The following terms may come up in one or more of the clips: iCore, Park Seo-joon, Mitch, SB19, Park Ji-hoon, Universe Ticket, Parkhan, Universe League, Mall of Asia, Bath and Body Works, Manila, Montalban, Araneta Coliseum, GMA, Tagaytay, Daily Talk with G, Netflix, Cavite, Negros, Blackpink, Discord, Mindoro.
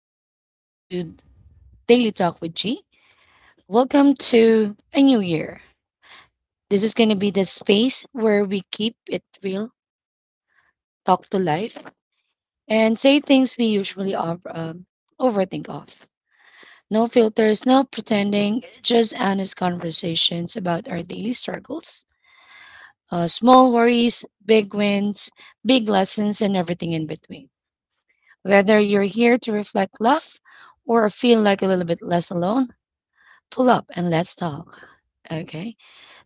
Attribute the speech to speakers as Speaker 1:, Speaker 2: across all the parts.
Speaker 1: and welcome to Daily Talk with G. Welcome to a new year. This is going to be the space where we keep it real, talk to life, and say things we usually overthink of. No filters, no pretending, just honest conversations about our daily struggles, small worries, big wins, big lessons, and everything in between. Whether you're here to reflect love or feel like a little bit less alone, pull up and let's talk. Okay.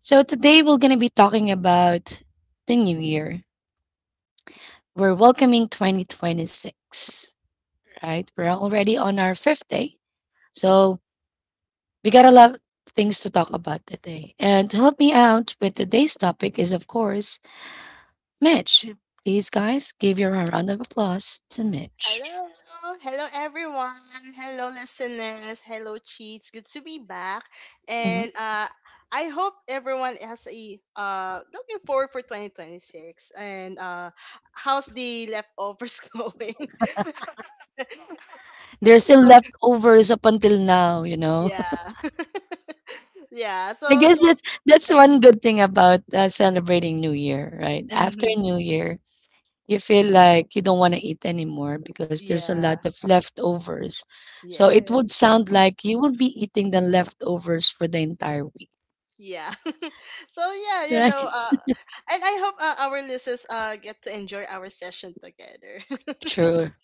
Speaker 1: So today we're going to be talking about the new year. We're welcoming 2026, right? We're already on our fifth day. So we got a lot of things to talk about today. And to help me out with today's topic is, of course, Mitch. Please, guys, give your round of applause to Mitch.
Speaker 2: Hello, hello everyone. Hello listeners. Hello cheats. Good to be back. And
Speaker 1: Mhm.
Speaker 2: uh I hope everyone has a looking forward for 2026, and how's the leftovers going?
Speaker 1: There's still leftovers up until now.
Speaker 2: Yeah. Yeah. So
Speaker 1: I guess
Speaker 2: yeah.
Speaker 1: that's one good thing about celebrating New Year, right? After
Speaker 2: Mm-hmm.
Speaker 1: New Year, you feel like you don't want to eat anymore because there's a lot
Speaker 2: Yeah.
Speaker 1: of leftovers. So it
Speaker 2: Yeah.
Speaker 1: would sound like you will be eating the leftovers for the entire week,
Speaker 2: Yeah. So yeah,
Speaker 1: right?
Speaker 2: and I hope our listeners get to enjoy our session together.
Speaker 1: Sure.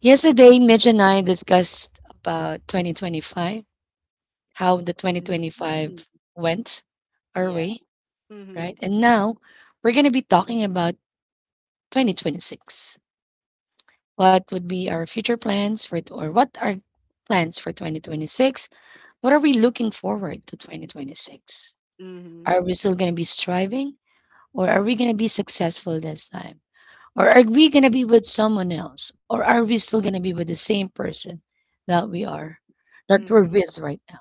Speaker 1: Yesterday, Mitch and I discussed about 2025, how the
Speaker 2: Mhm.
Speaker 1: 2025 went our
Speaker 2: Yeah.
Speaker 1: way,
Speaker 2: Mm-hmm.
Speaker 1: right? And now we're going to be talking about 2026. What would be our future plans for, or what are plans for 2026? What are we looking forward to 2026?
Speaker 2: Mm-hmm.
Speaker 1: Are we still going to be striving, or are we going to be successful this time? Or are we going to be with someone else? Or are we still going to be with the same person that
Speaker 2: Ooh.
Speaker 1: we are, that we're
Speaker 2: Mm-hmm.
Speaker 1: with right now?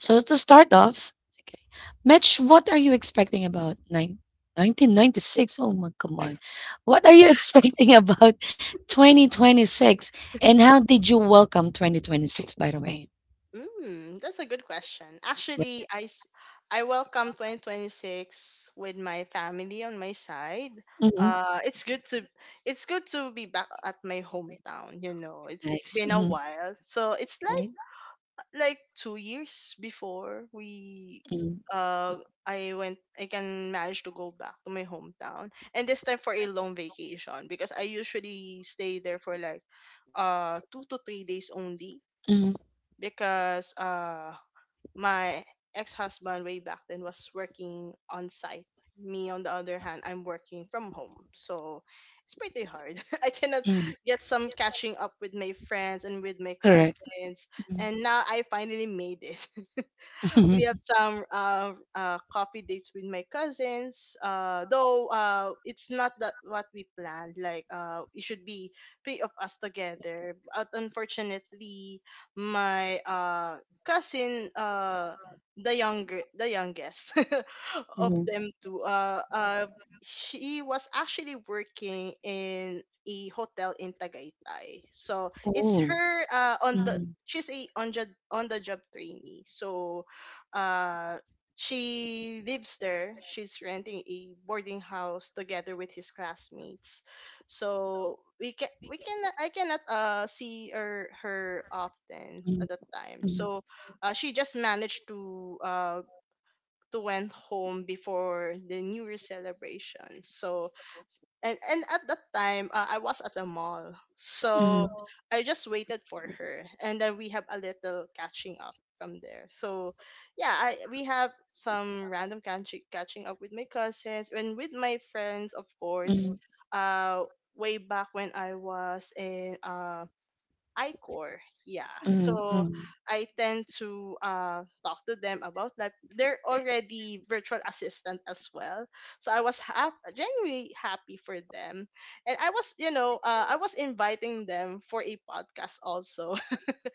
Speaker 1: So to start off, okay, Mitch, what are you expecting about 1996? Oh my, come on. What are you expecting about 2026? And how did you welcome 2026, by the way?
Speaker 2: Mm, that's a good question.
Speaker 1: Yep.
Speaker 2: I welcome 2026 with my family on my side.
Speaker 1: Hmm.
Speaker 2: It's good to it's good to be back at my hometown. You know, it's
Speaker 1: Nice.
Speaker 2: been a
Speaker 1: Hmm.
Speaker 2: while, so it's like
Speaker 1: Right?
Speaker 2: like 2 years before we
Speaker 1: Mm-hmm.
Speaker 2: uh I went I can manage to go back to my hometown, and this time for a long vacation because I usually stay there for like 2 to 3 days only because my ex-husband way back then was working on site. Me on the other hand, I'm working from home, so it's pretty hard. I cannot
Speaker 1: Hmm.
Speaker 2: get some catching up with my friends and with my
Speaker 1: Correct.
Speaker 2: cousins, and now I finally made it. We
Speaker 1: Mm-hmm.
Speaker 2: have some coffee dates with my cousins. Though it's not that what we planned. Like it should be three of us together. But unfortunately, my cousin, the youngest of
Speaker 1: Hmm.
Speaker 2: them two she was actually working in a hotel in Tagaytay. So it's
Speaker 1: Oh.
Speaker 2: her on the
Speaker 1: Mhm,
Speaker 2: she's a on the job trainee. So uh she lives there, she's renting a boarding house together with his classmates, so we can I cannot see her often
Speaker 1: mhm,
Speaker 2: at that time.
Speaker 1: mhm,
Speaker 2: So she just managed to went home before the New Year celebration. So and at that time I was at the mall.
Speaker 1: mhm,
Speaker 2: So I just waited for her, and then we have a little catching up from there. So yeah, I we have some random catching up with my cousins and with my friends, of course.
Speaker 1: mhm,
Speaker 2: Uh Way back when I was in iCore. Yeah.
Speaker 1: mhm,
Speaker 2: So
Speaker 1: mhm,
Speaker 2: I tend to talk to them about that. They're already virtual assistant as well. So I was genuinely happy for them. And I was, you know, I was inviting them for a podcast also.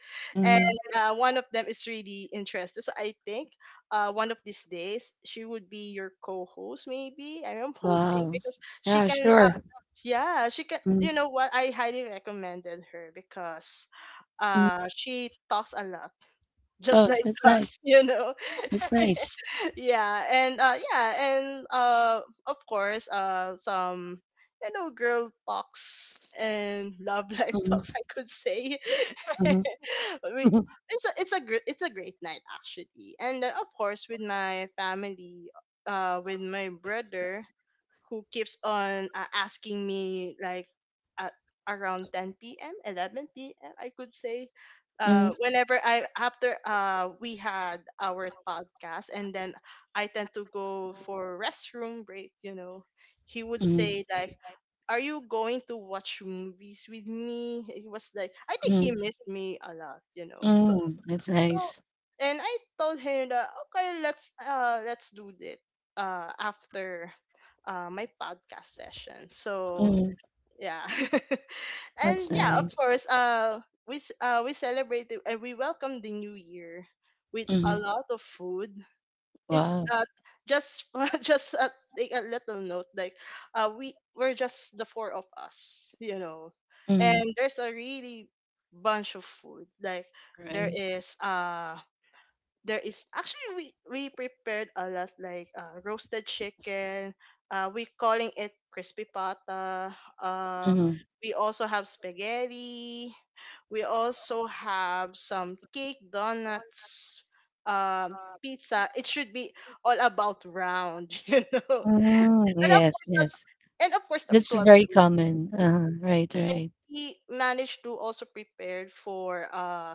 Speaker 1: mhm.
Speaker 2: And one of them is really interested. So I think one of these days she would be your co-host maybe. I am hoping
Speaker 1: Wow.
Speaker 2: because she
Speaker 1: Yeah,
Speaker 2: can
Speaker 1: sure.
Speaker 2: yeah, she can. You know what? I highly recommended her because
Speaker 1: Mm-hmm.
Speaker 2: she talks a lot, just
Speaker 1: Oh,
Speaker 2: like
Speaker 1: that's
Speaker 2: us,
Speaker 1: nice.
Speaker 2: you know.
Speaker 1: That's nice.
Speaker 2: Yeah, and of course some, you know, girl talks and love life
Speaker 1: Mm,
Speaker 2: talks, I could say. we, it's a gr- it's a great night actually, and then of course with my family, with my brother, who keeps on asking me like at around 10 p.m., 11 p.m. I could say,
Speaker 1: mm,
Speaker 2: whenever I after we had our podcast, and then I tend to go for restroom break, you know, he would
Speaker 1: mm,
Speaker 2: say like, "Are you going to watch movies with me?" It was like, I think
Speaker 1: mm,
Speaker 2: he missed me a lot, you know. So
Speaker 1: mm. That's
Speaker 2: so
Speaker 1: nice.
Speaker 2: and I told him that, okay, let's let's do it after my podcast session. So
Speaker 1: Mm,
Speaker 2: yeah. And
Speaker 1: that's
Speaker 2: yeah, of
Speaker 1: nice.
Speaker 2: course, we celebrated and we welcomed the new year with a
Speaker 1: Mm,
Speaker 2: lot of food. it's
Speaker 1: wow.
Speaker 2: uh just just take a little note, like we, we're just the four of us, you know,
Speaker 1: Mm,
Speaker 2: and there's a really bunch of food, like there
Speaker 1: right.
Speaker 2: is uh there is actually, we prepared a lot, like roasted chicken, we calling it crispy pata, uh
Speaker 1: Mm,
Speaker 2: we also have spaghetti, we also have some cake donuts, um pizza. It should be all about round, you know,
Speaker 1: mm,
Speaker 2: and of
Speaker 1: yes,
Speaker 2: course the,
Speaker 1: yes.
Speaker 2: and of course the
Speaker 1: That's
Speaker 2: 12
Speaker 1: very
Speaker 2: fruits.
Speaker 1: common. Right,
Speaker 2: And
Speaker 1: right.
Speaker 2: we managed to also prepare for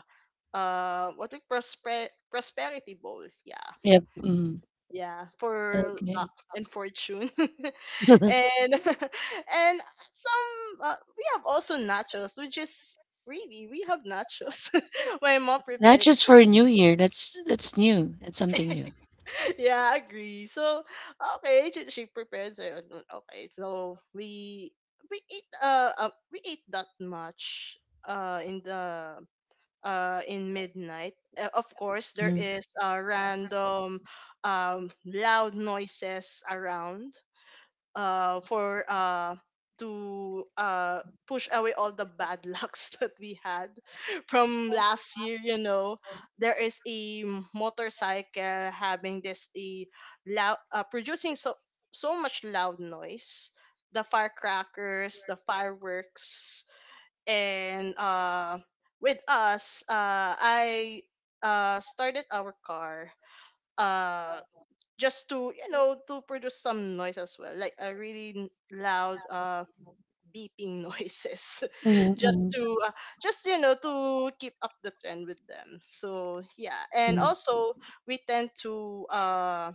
Speaker 2: what we prosperity bowl, yeah,
Speaker 1: Yep. Mm,
Speaker 2: yeah, for luck
Speaker 1: okay.
Speaker 2: and fortune. And and some we have also nachos, which is really, we have nachos. My mom
Speaker 1: Not
Speaker 2: prepared.
Speaker 1: just for New Year. That's new. That's something new.
Speaker 2: Yeah, I agree. So okay, she prepared. So okay, so we eat we ate that much in the in midnight. Of course, there
Speaker 1: Mm.
Speaker 2: is random loud noises around, for to push away all the bad lucks that we had from last year, you know. There is a motorcycle having this a loud, producing so much loud noise, the firecrackers, the fireworks, and with us I started our car uh just to, you know, to produce some noise as well, like a really loud beeping noises,
Speaker 1: Mhm, mhm,
Speaker 2: just to, just, you know, to keep up the trend with them. So yeah, and
Speaker 1: mhm,
Speaker 2: also we tend to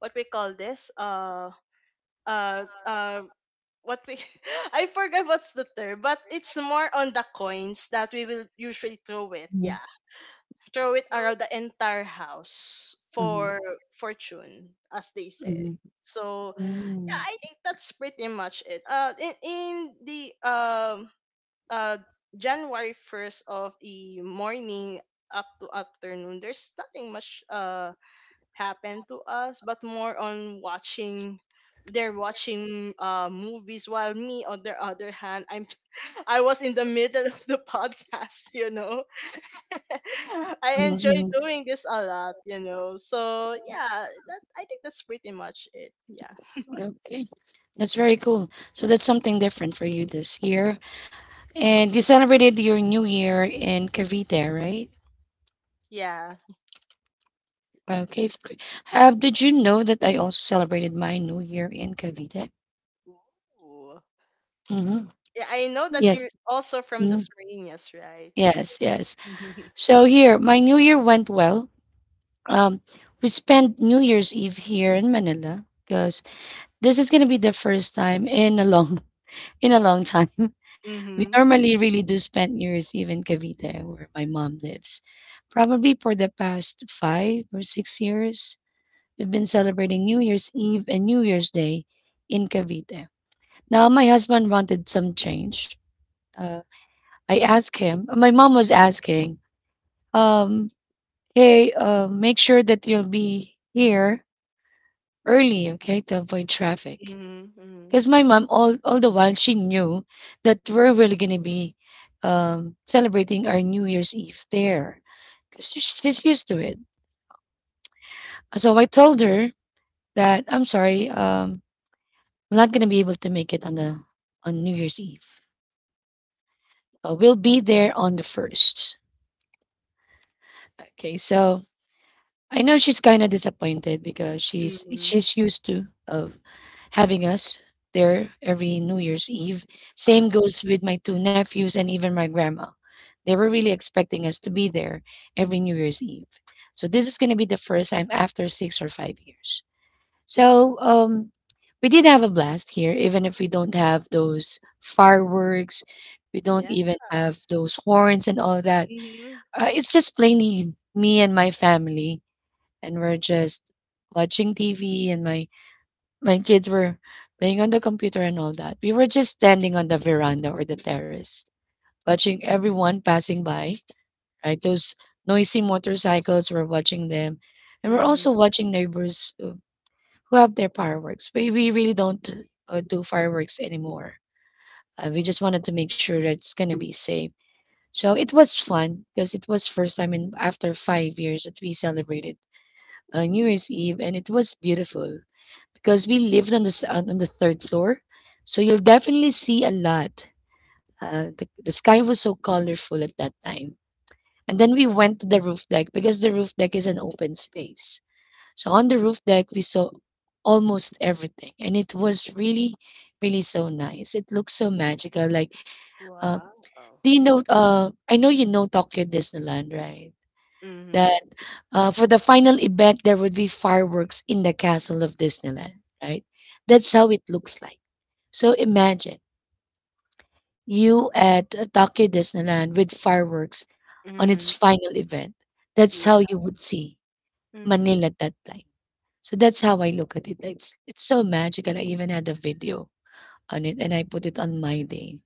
Speaker 2: what we call this uh uh what we I forgot what's the term, but it's more on the coins that we will usually throw it. Yeah. Throw it around the entire house for fortune, as they say.
Speaker 1: mhm,
Speaker 2: So yeah, I think that's pretty much it. In the um uh, January 1st of the morning up to afternoon, there's nothing much happened to us, but more on watching. They're watching movies while me, on the other hand, I'm I was in the middle of the podcast. You know,
Speaker 1: mhm,
Speaker 2: I enjoy
Speaker 1: mhm.
Speaker 2: doing this a lot. You know, so yeah, that I think that's pretty much it. Yeah,
Speaker 1: Okay. That's very cool. So that's something different for you this year. And you celebrated your new year in Cavite, right?
Speaker 2: yeah.
Speaker 1: Okay. F- gr- did you know that I also celebrated my new year in Cavite?
Speaker 2: Ooh.
Speaker 1: Mm-hmm.
Speaker 2: Yeah, I know that
Speaker 1: Yes.
Speaker 2: you're also from the
Speaker 1: Mhm.
Speaker 2: Slovenias, right?
Speaker 1: Yes, yes.
Speaker 2: Mhm,
Speaker 1: So here, my new year went well. Um, we spent New Year's Eve here in Manila because this is gonna be the first time in a long in a long time. We
Speaker 2: mhm,
Speaker 1: normally really do spend New Year's Eve in Cavite, where my mom lives, probably for the past 5 or 6 years. We've been celebrating New Year's Eve and New Year's Day in Cavite. Now, my husband wanted some change. Uh, I asked him, my mom was asking, um, hey, make sure that you'll be here early, okay, to avoid traffic.
Speaker 2: mhm, mhm,
Speaker 1: Because my mom, all the while, she knew that we're really going to be celebrating our New Year's Eve there. 'Cause she's used to it. So I told her that, I'm sorry, we're not gonna be able to make it on the on New Year's Eve. We'll be there on the first. Okay, so I know she's kind of disappointed because she's
Speaker 2: mhm.
Speaker 1: she's used to of having us there every New Year's Eve.
Speaker 2: Uh,
Speaker 1: Same goes with my two nephews and even my grandma. They were really expecting us to be there every New Year's Eve. So this is going to be the first time after 6 or 5 years. So we did have a blast here, even if we don't have those fireworks, we don't
Speaker 2: yeah.
Speaker 1: even have those horns and all that.
Speaker 2: Mhm,
Speaker 1: It's just plainly me and my family, and we're just watching TV, and my kids were playing on the computer and all that. We were just standing on the veranda or the terrace, watching everyone passing by. Right, those noisy motorcycles. We're watching them, and we're
Speaker 2: mhm.
Speaker 1: also watching neighbors, who have their fireworks. We really don't do fireworks anymore. We just wanted to make sure that it's gonna be safe. So it was fun because it was first time in after 5 years that we celebrated New Year's Eve, and it was beautiful because we lived on on the third floor, so you'll definitely see a lot. The sky was so colorful at that time, and then we went to the roof deck because the roof deck is an open space. So on the roof deck, we saw almost everything, and it was really, really so nice. It looked so magical. Like, uh,
Speaker 2: Wow.
Speaker 1: do you know? I know you know Tokyo Disneyland, right?
Speaker 2: Mhm,
Speaker 1: That for the final event, there would be fireworks in the castle of Disneyland, right? That's how it looks like. So imagine you at Tokyo Disneyland with fireworks on its
Speaker 2: mhm.
Speaker 1: final event. That's
Speaker 2: Yeah.
Speaker 1: how you would see
Speaker 2: Mhm,
Speaker 1: Manila at that time. So that's how I look at it. It's so magical. I even had a video on it and I put it on my day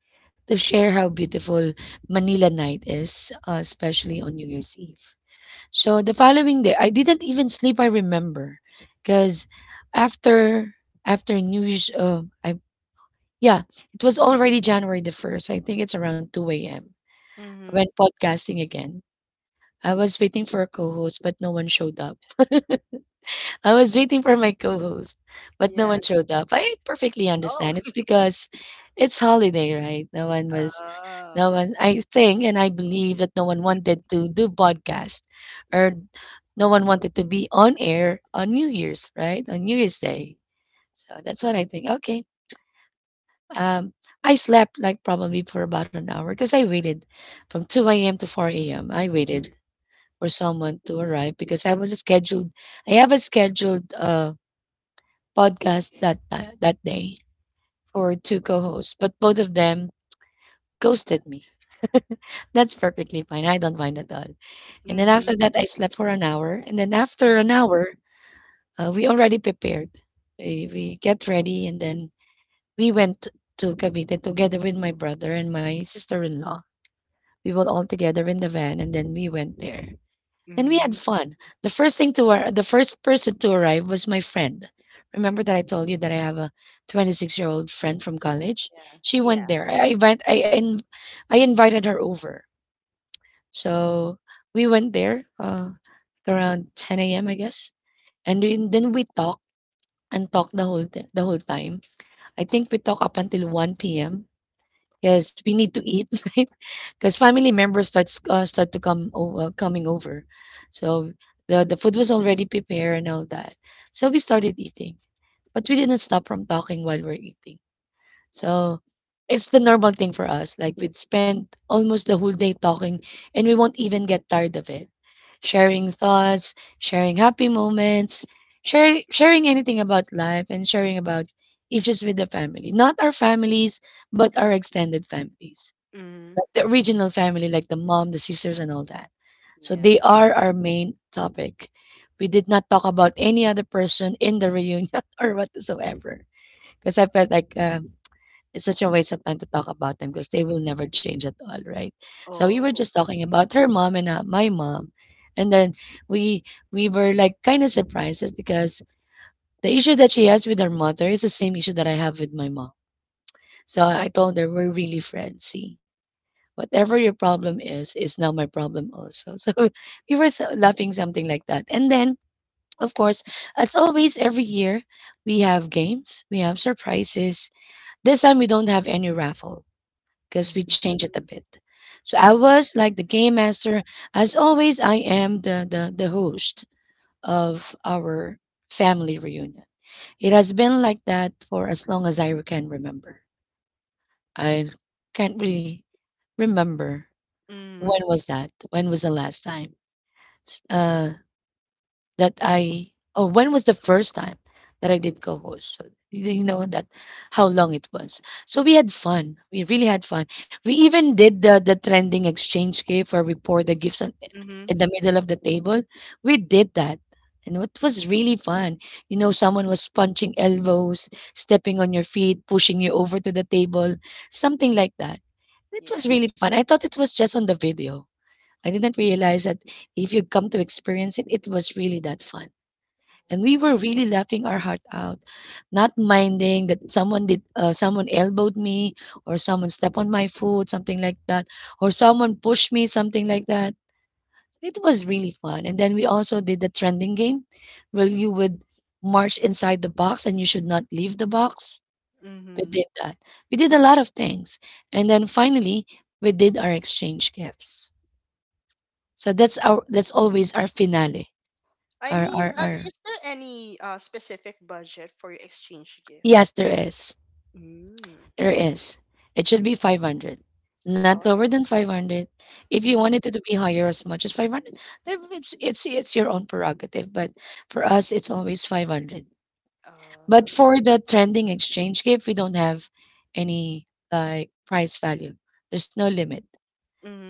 Speaker 1: to share how beautiful Manila night is, especially on New Year's Eve. So the following day, I didn't even sleep, I remember, because after after New Year's, yeah, it was already January the 1st. I think it's around 2 a.m. I went
Speaker 2: mhm.
Speaker 1: podcasting again. I was waiting for a co-host, but no one showed up. I was waiting for my co-host, but no
Speaker 2: Yeah.
Speaker 1: one showed up. I perfectly
Speaker 2: Oh.
Speaker 1: understand. It's because it's holiday, right? No
Speaker 2: Oh.
Speaker 1: one. I think and I believe that no one wanted to do podcast, or no one wanted to be on air on New Year's, right? On New Year's Day. So that's what I think. Okay. Um, I slept like probably for about an hour because I waited from 2 a.m. to 4 a.m. I waited for someone to arrive because I was scheduled. I have a scheduled. Podcast that time, that day for two co-hosts, but both of them ghosted me. That's perfectly fine. I don't mind at all. And then
Speaker 2: Mhm.
Speaker 1: after that, I slept for an hour. And then after an
Speaker 2: Mhm.
Speaker 1: hour, we already prepared. We get ready, and then we went to Cavite together with my brother and my sister-in-law. We were all together in the van, and then we went there. Then we had
Speaker 2: Mhm.
Speaker 1: fun. The first person to arrive was my friend. Remember that I told you that I have a 26-year-old friend from college.
Speaker 2: Yeah.
Speaker 1: She went
Speaker 2: Yeah.
Speaker 1: there. I invited her over. So we went there around 10 a.m. I guess, and then we talked and talked the whole time. I think we talked up until 1 p.m. Yes, we need to eat, right? Because family members starts start to come over, coming over, so the food was already prepared and all that. So we started eating, but we didn't stop from talking while we're eating. So it's the normal thing for us. Like we'd spend almost the whole day talking, and we won't even get tired of it. Sharing thoughts, sharing happy moments, sharing anything about life, and sharing about issues with the family. Not our families, but our extended families.
Speaker 2: Mhm.
Speaker 1: Like the original family, like the mom, the sisters, and all that. So
Speaker 2: Yeah.
Speaker 1: they are our main topic. We did not talk about any other person in the reunion or whatsoever, because I felt like it's such a waste of time to talk about them because they will never change at all, right? So we were
Speaker 2: Oh.
Speaker 1: just talking about her mom and my mom, and then we we were like kind of surprised because the issue that she has with her mother is the same issue that I have with my mom. So I told her we're really friends, see. Whatever your problem is now my problem also. So we were so- laughing something like that. And then, of course, as always, every year we have games, we have surprises. This time we don't have any raffle because we
Speaker 2: Mhm.
Speaker 1: change it a bit. So I
Speaker 2: Uh-huh.
Speaker 1: was like the game master. As always, I am the host of our family reunion. It has been like that for as long as I can remember. I can't really remember when
Speaker 2: Mhm.
Speaker 1: was that? When was the last time s- uh, that I? Oh, when was the first time that I did co-host? So you did know that how long it was. So we had fun. We really had fun. We even did the trending exchange gift where we pour the gifts on, in
Speaker 2: Mhm.
Speaker 1: the middle of the table. We did that. And it was really fun. You know, someone was punching elbows, stepping on your feet, pushing you over to the table, something like that. It was
Speaker 2: Yeah.
Speaker 1: really fun. I thought it was just on the video. I didn't realize that if you come to experience it, it was really that fun. And we
Speaker 2: Ooh.
Speaker 1: were really laughing our heart out, not minding that someone did, someone elbowed me, or someone stepped on my foot, something like that, or someone pushed me, something like that. It was really fun. And then we also did the trending game, where you would march inside the box and you should not leave the box. We did that. We did a lot of things. And then finally, we did our exchange gifts. So that's always our
Speaker 2: Mhm.
Speaker 1: finale.
Speaker 2: I
Speaker 1: Our our
Speaker 2: mean,
Speaker 1: our
Speaker 2: is there any specific budget for your exchange gift?
Speaker 1: yes, there is.
Speaker 2: Mm.
Speaker 1: There is. It should be 500. Not lower
Speaker 2: Oh.
Speaker 1: than 500. If you
Speaker 2: Mm-hmm.
Speaker 1: wanted it to be higher as much as 500, then it's your own prerogative, but for us it's always 500. But
Speaker 2: Uh,
Speaker 1: for the trending exchange gift, we don't have any like price value. There's no limit.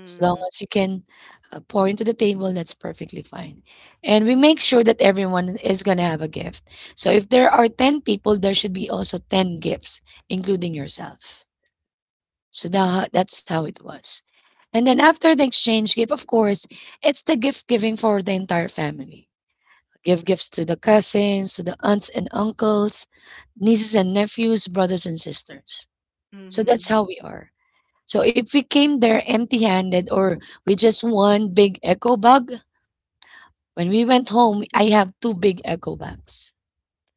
Speaker 1: As long as you can pour into the table, that's perfectly fine. And we make sure that everyone is going to have a gift. So if there are 10 people, there should be also 10 gifts, including yourself. So that's how it was. And then after the exchange gift, of course, it's the gift giving for the entire family. Give gifts to the cousins, to the aunts and uncles, nieces and nephews, brothers and sisters. So that's
Speaker 2: hmm
Speaker 1: how we are. So if we came there empty handed or with just one big echo bag, when we went home, I have two big echo bags.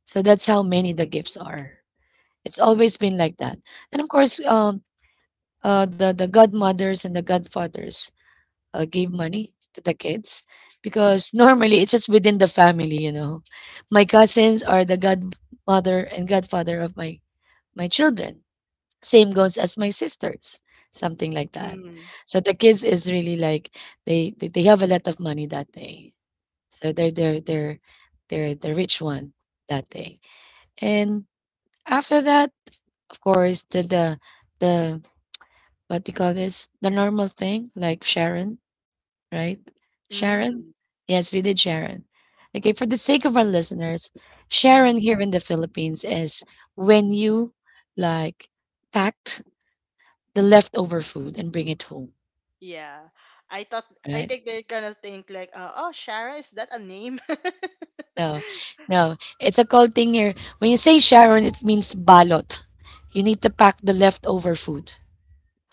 Speaker 1: So that's how many the gifts are. It's always been like that. And of course, the godmothers and the godfathers gave money to the kids because normally it's just within the family, you know. My cousins are the godmother and godfather of my children. Same goes as my sisters, something like that.
Speaker 2: Mm-hmm.
Speaker 1: So the kids is really like they have a lot of money that day. So they're they're the rich one that day. And after that, of course, the what do you call this? The normal thing, like Sharon, right? Sharon?
Speaker 2: Mm-hmm.
Speaker 1: Yes, we did Sharon. Okay, for the sake of our listeners,
Speaker 2: Mm-hmm.
Speaker 1: Sharon here in the Philippines is when you like packed the leftover food and bring it home,
Speaker 2: Yeah. I thought I
Speaker 1: right?
Speaker 2: think they're gonna think like, oh, Sharon, is that a name?
Speaker 1: No, no, it's a called thing here. When you say Sharon, it means balot. You need to pack the leftover food.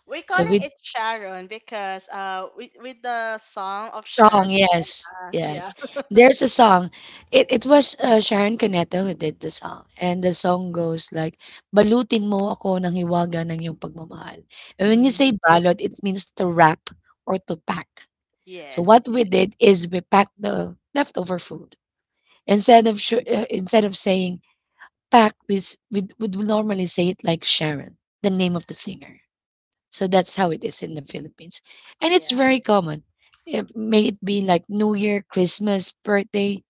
Speaker 2: We're
Speaker 1: So
Speaker 2: calling
Speaker 1: with
Speaker 2: it Sharon because with the song of Sharon,
Speaker 1: song, yes, yes.
Speaker 2: yeah.
Speaker 1: There's a song. It was Sharon Cuneta who did the song, and the song goes like, "Balutin mo ako ng hiwaga ng iyong pagmamahal." And when you
Speaker 2: Mm-hmm.
Speaker 1: say balot, it means to wrap or to pack. So
Speaker 2: Yes.
Speaker 1: what
Speaker 2: Yeah.
Speaker 1: we did is we packed the leftover food instead of instead of saying Pak with would normally say it like Sharon, the name of the singer. So that's how it is in the Philippines. And it's
Speaker 2: Yeah.
Speaker 1: very common. It, may it be like New Year, Christmas, birthday,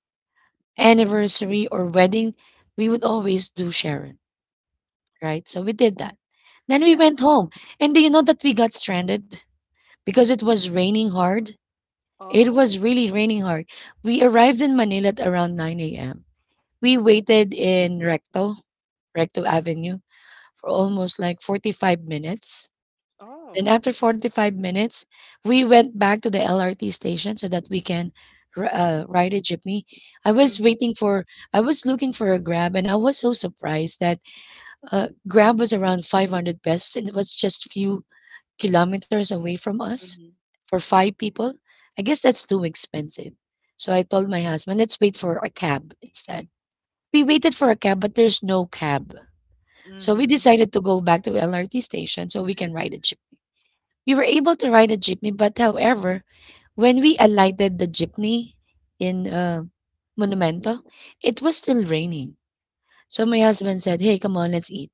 Speaker 1: anniversary, or wedding, we would always do Sharon, right? So we did that. Then we
Speaker 2: Yeah.
Speaker 1: went home. And do you know that we got stranded because it was raining hard? It
Speaker 2: Oh.
Speaker 1: was really raining hard. We arrived in Manila at around 9 a.m. We waited in Recto Avenue for almost like 45 minutes. Then
Speaker 2: Oh.
Speaker 1: after 45 minutes, we went back to the LRT station so that we can ride a jeepney. I was
Speaker 2: Mm-hmm.
Speaker 1: waiting for, I was looking for a Grab, and I was so surprised that Grab was around 500 pesos, and it was just few kilometers away from us
Speaker 2: Mm-hmm.
Speaker 1: for five people. I guess that's too expensive. So I told my husband, let's wait for a cab instead. We waited for a cab, but there's no cab. So we
Speaker 2: Mm-hmm.
Speaker 1: decided to go back to LRT station so we can ride a jeep. We were able to ride a jeepney, but however, when we alighted the jeepney in Monumento, it was still raining. So my husband said, "Hey, come on, let's eat.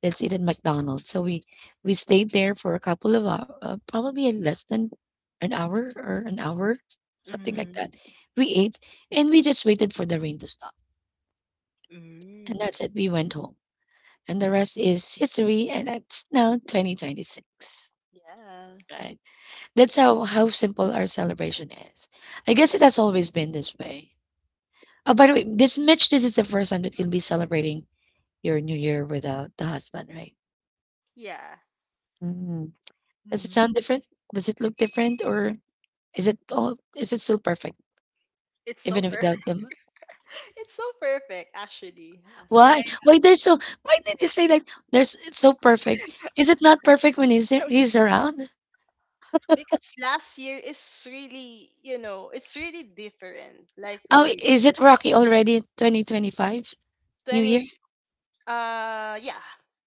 Speaker 1: Let's eat at McDonald's." So we stayed there for a couple of hours, probably less than an hour or an hour, something like
Speaker 2: Mhm.
Speaker 1: that. We ate and we just waited for the rain to stop, and
Speaker 2: Mm.
Speaker 1: that's it. We went home, and the rest is history, and it's now 2026.
Speaker 2: Yeah.
Speaker 1: Right. That's how simple our celebration is. I guess it has always been this way. Oh, by the way, this Mitch, this is the first time that you'll be celebrating your New Year without the husband, right?
Speaker 2: Yeah.
Speaker 1: Does it
Speaker 2: Mhm.
Speaker 1: sound different? Does it look different, or is it all? Is it still perfect
Speaker 2: It's so
Speaker 1: even
Speaker 2: per-
Speaker 1: without them?
Speaker 2: it's so perfect actually. I
Speaker 1: Why? Why they're so? Why did you say that there's? It's so perfect. Is it not perfect when he's around?
Speaker 2: Because last year is really, you know, it's really different. Like
Speaker 1: Oh,
Speaker 2: really
Speaker 1: is it rocky already? 2025 New Year.
Speaker 2: 20 yeah.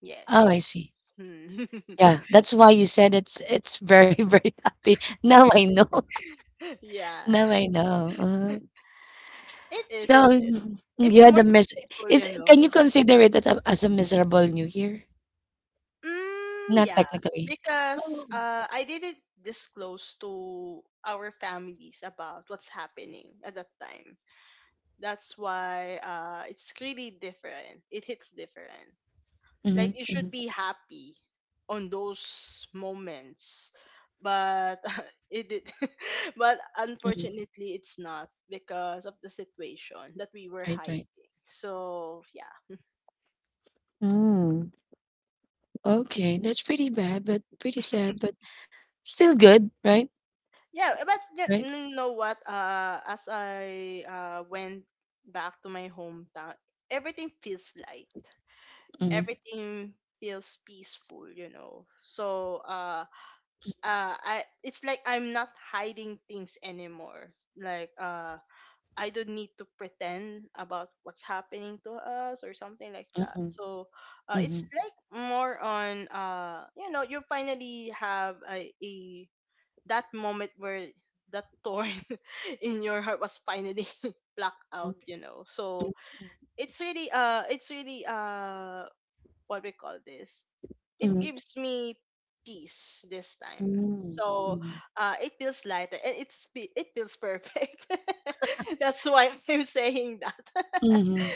Speaker 2: Yes,
Speaker 1: Oh,
Speaker 2: it
Speaker 1: I see.
Speaker 2: is. Hmm.
Speaker 1: Yeah, that's why you said it's very, very happy. Now I know.
Speaker 2: Yeah.
Speaker 1: Now I know.
Speaker 2: It
Speaker 1: So
Speaker 2: is, it
Speaker 1: mm,
Speaker 2: is.
Speaker 1: you
Speaker 2: It's
Speaker 1: had a
Speaker 2: more
Speaker 1: mis
Speaker 2: peaceful,
Speaker 1: is
Speaker 2: you
Speaker 1: can you
Speaker 2: know.
Speaker 1: consider it as as a miserable New Year?
Speaker 2: Mm,
Speaker 1: Not
Speaker 2: yeah,
Speaker 1: technically.
Speaker 2: because I didn't disclose to our families about what's happening at that time. That's why it's really different. It hits different. Like
Speaker 1: Mm-hmm,
Speaker 2: you should
Speaker 1: mm-hmm,
Speaker 2: be happy on those moments, but it did. But
Speaker 1: mm-hmm.
Speaker 2: unfortunately, it's not because of the situation that we were
Speaker 1: Right,
Speaker 2: hiding.
Speaker 1: right.
Speaker 2: So yeah.
Speaker 1: Mm, okay, that's pretty bad, but pretty sad, but still good, right?
Speaker 2: Yeah, eh, but
Speaker 1: Right?
Speaker 2: you know what, as I went back to my hometown, everything feels light,
Speaker 1: Mm-hmm,
Speaker 2: everything feels peaceful, you know. So I it's like I'm not hiding things anymore. Like, I don't need to pretend about what's happening to us or something like that.
Speaker 1: mm-hmm,
Speaker 2: So
Speaker 1: mm-hmm,
Speaker 2: it's like more on, you know, you finally have a that moment where that thorn in your heart was finally plucked out, you know. So
Speaker 1: mm-hmm,
Speaker 2: it's really what we call this, it
Speaker 1: mm-hmm,
Speaker 2: gives me peace this time.
Speaker 1: mm-hmm,
Speaker 2: So
Speaker 1: mm-hmm.
Speaker 2: it feels lighter and it's it feels perfect. That's why I'm saying that.
Speaker 1: Mm-hmm.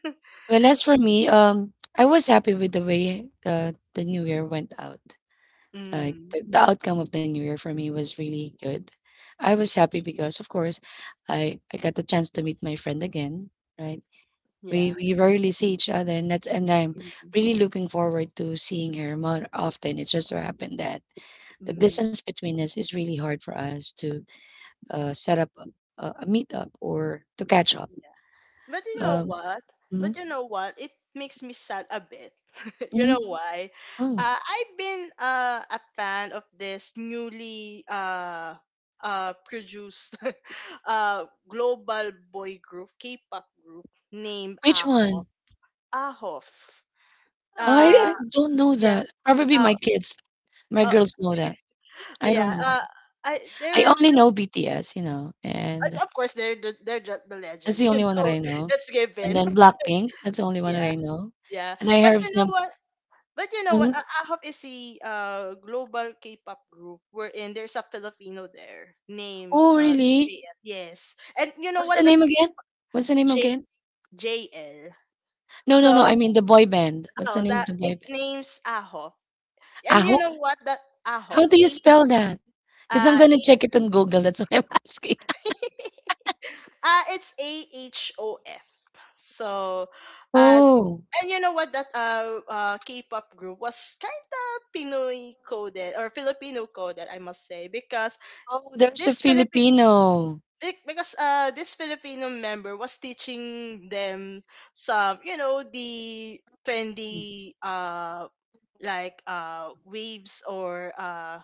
Speaker 1: Well, as for me, I was happy with the way the new year went out.
Speaker 2: Mm,
Speaker 1: The outcome of the new year for me was really good. I was happy because, of course, I got the chance to meet my friend again, right?
Speaker 2: yeah.
Speaker 1: We rarely see each other, and and I'm
Speaker 2: Mm,
Speaker 1: really looking forward to seeing her more often. It just so happened that the
Speaker 2: mm.
Speaker 1: distance between us is really hard for us to set up a meetup or to catch up.
Speaker 2: But you know
Speaker 1: Um,
Speaker 2: what? But
Speaker 1: mhm,
Speaker 2: you know what? It makes me sad a bit. You know
Speaker 1: mhm,
Speaker 2: why?
Speaker 1: oh,
Speaker 2: I've been a fan of this newly produced global boy group, K-pop group named
Speaker 1: which one?
Speaker 2: Ahof. Ahof. Uh,
Speaker 1: I don't know
Speaker 2: yeah.
Speaker 1: that. Probably
Speaker 2: Uh,
Speaker 1: my kids, my
Speaker 2: uh,
Speaker 1: girls know that. I don't
Speaker 2: yeah.
Speaker 1: know that.
Speaker 2: I
Speaker 1: I
Speaker 2: they're
Speaker 1: only know
Speaker 2: just
Speaker 1: BTS, you know, and
Speaker 2: of course they're just the
Speaker 1: that's
Speaker 2: legend.
Speaker 1: the
Speaker 2: You
Speaker 1: only one that
Speaker 2: know,
Speaker 1: I know.
Speaker 2: let's give
Speaker 1: And
Speaker 2: in.
Speaker 1: then Blackpink, that's the only one that
Speaker 2: Yeah,
Speaker 1: I know.
Speaker 2: yeah.
Speaker 1: And I
Speaker 2: But
Speaker 1: heard
Speaker 2: you know
Speaker 1: some
Speaker 2: what? But you know what?
Speaker 1: mhm.
Speaker 2: I is a global K-pop group wherein there's a Filipino there named
Speaker 1: Oh, really?
Speaker 2: JL. Yes, and you know
Speaker 1: What's
Speaker 2: what?
Speaker 1: the
Speaker 2: That
Speaker 1: name again? What's the name
Speaker 2: J
Speaker 1: again?
Speaker 2: J L.
Speaker 1: No, no, no.
Speaker 2: So
Speaker 1: I mean the boy band. What's the
Speaker 2: oh,
Speaker 1: name of
Speaker 2: that
Speaker 1: the
Speaker 2: it
Speaker 1: boy band?
Speaker 2: names Ahop, and you know
Speaker 1: Ahof?
Speaker 2: what? That Ahop
Speaker 1: How do you spell that? Because I'm
Speaker 2: A
Speaker 1: gonna check it on Google. That's what I'm asking.
Speaker 2: it's AHOF. So, uh,
Speaker 1: Oh,
Speaker 2: and you know what? That K-pop group was kind of Pinoy coded or Filipino coded, I must say, because
Speaker 1: oh, there's a
Speaker 2: this Philip
Speaker 1: Filipino.
Speaker 2: Because this Filipino member was teaching them some the trendy like waves or uh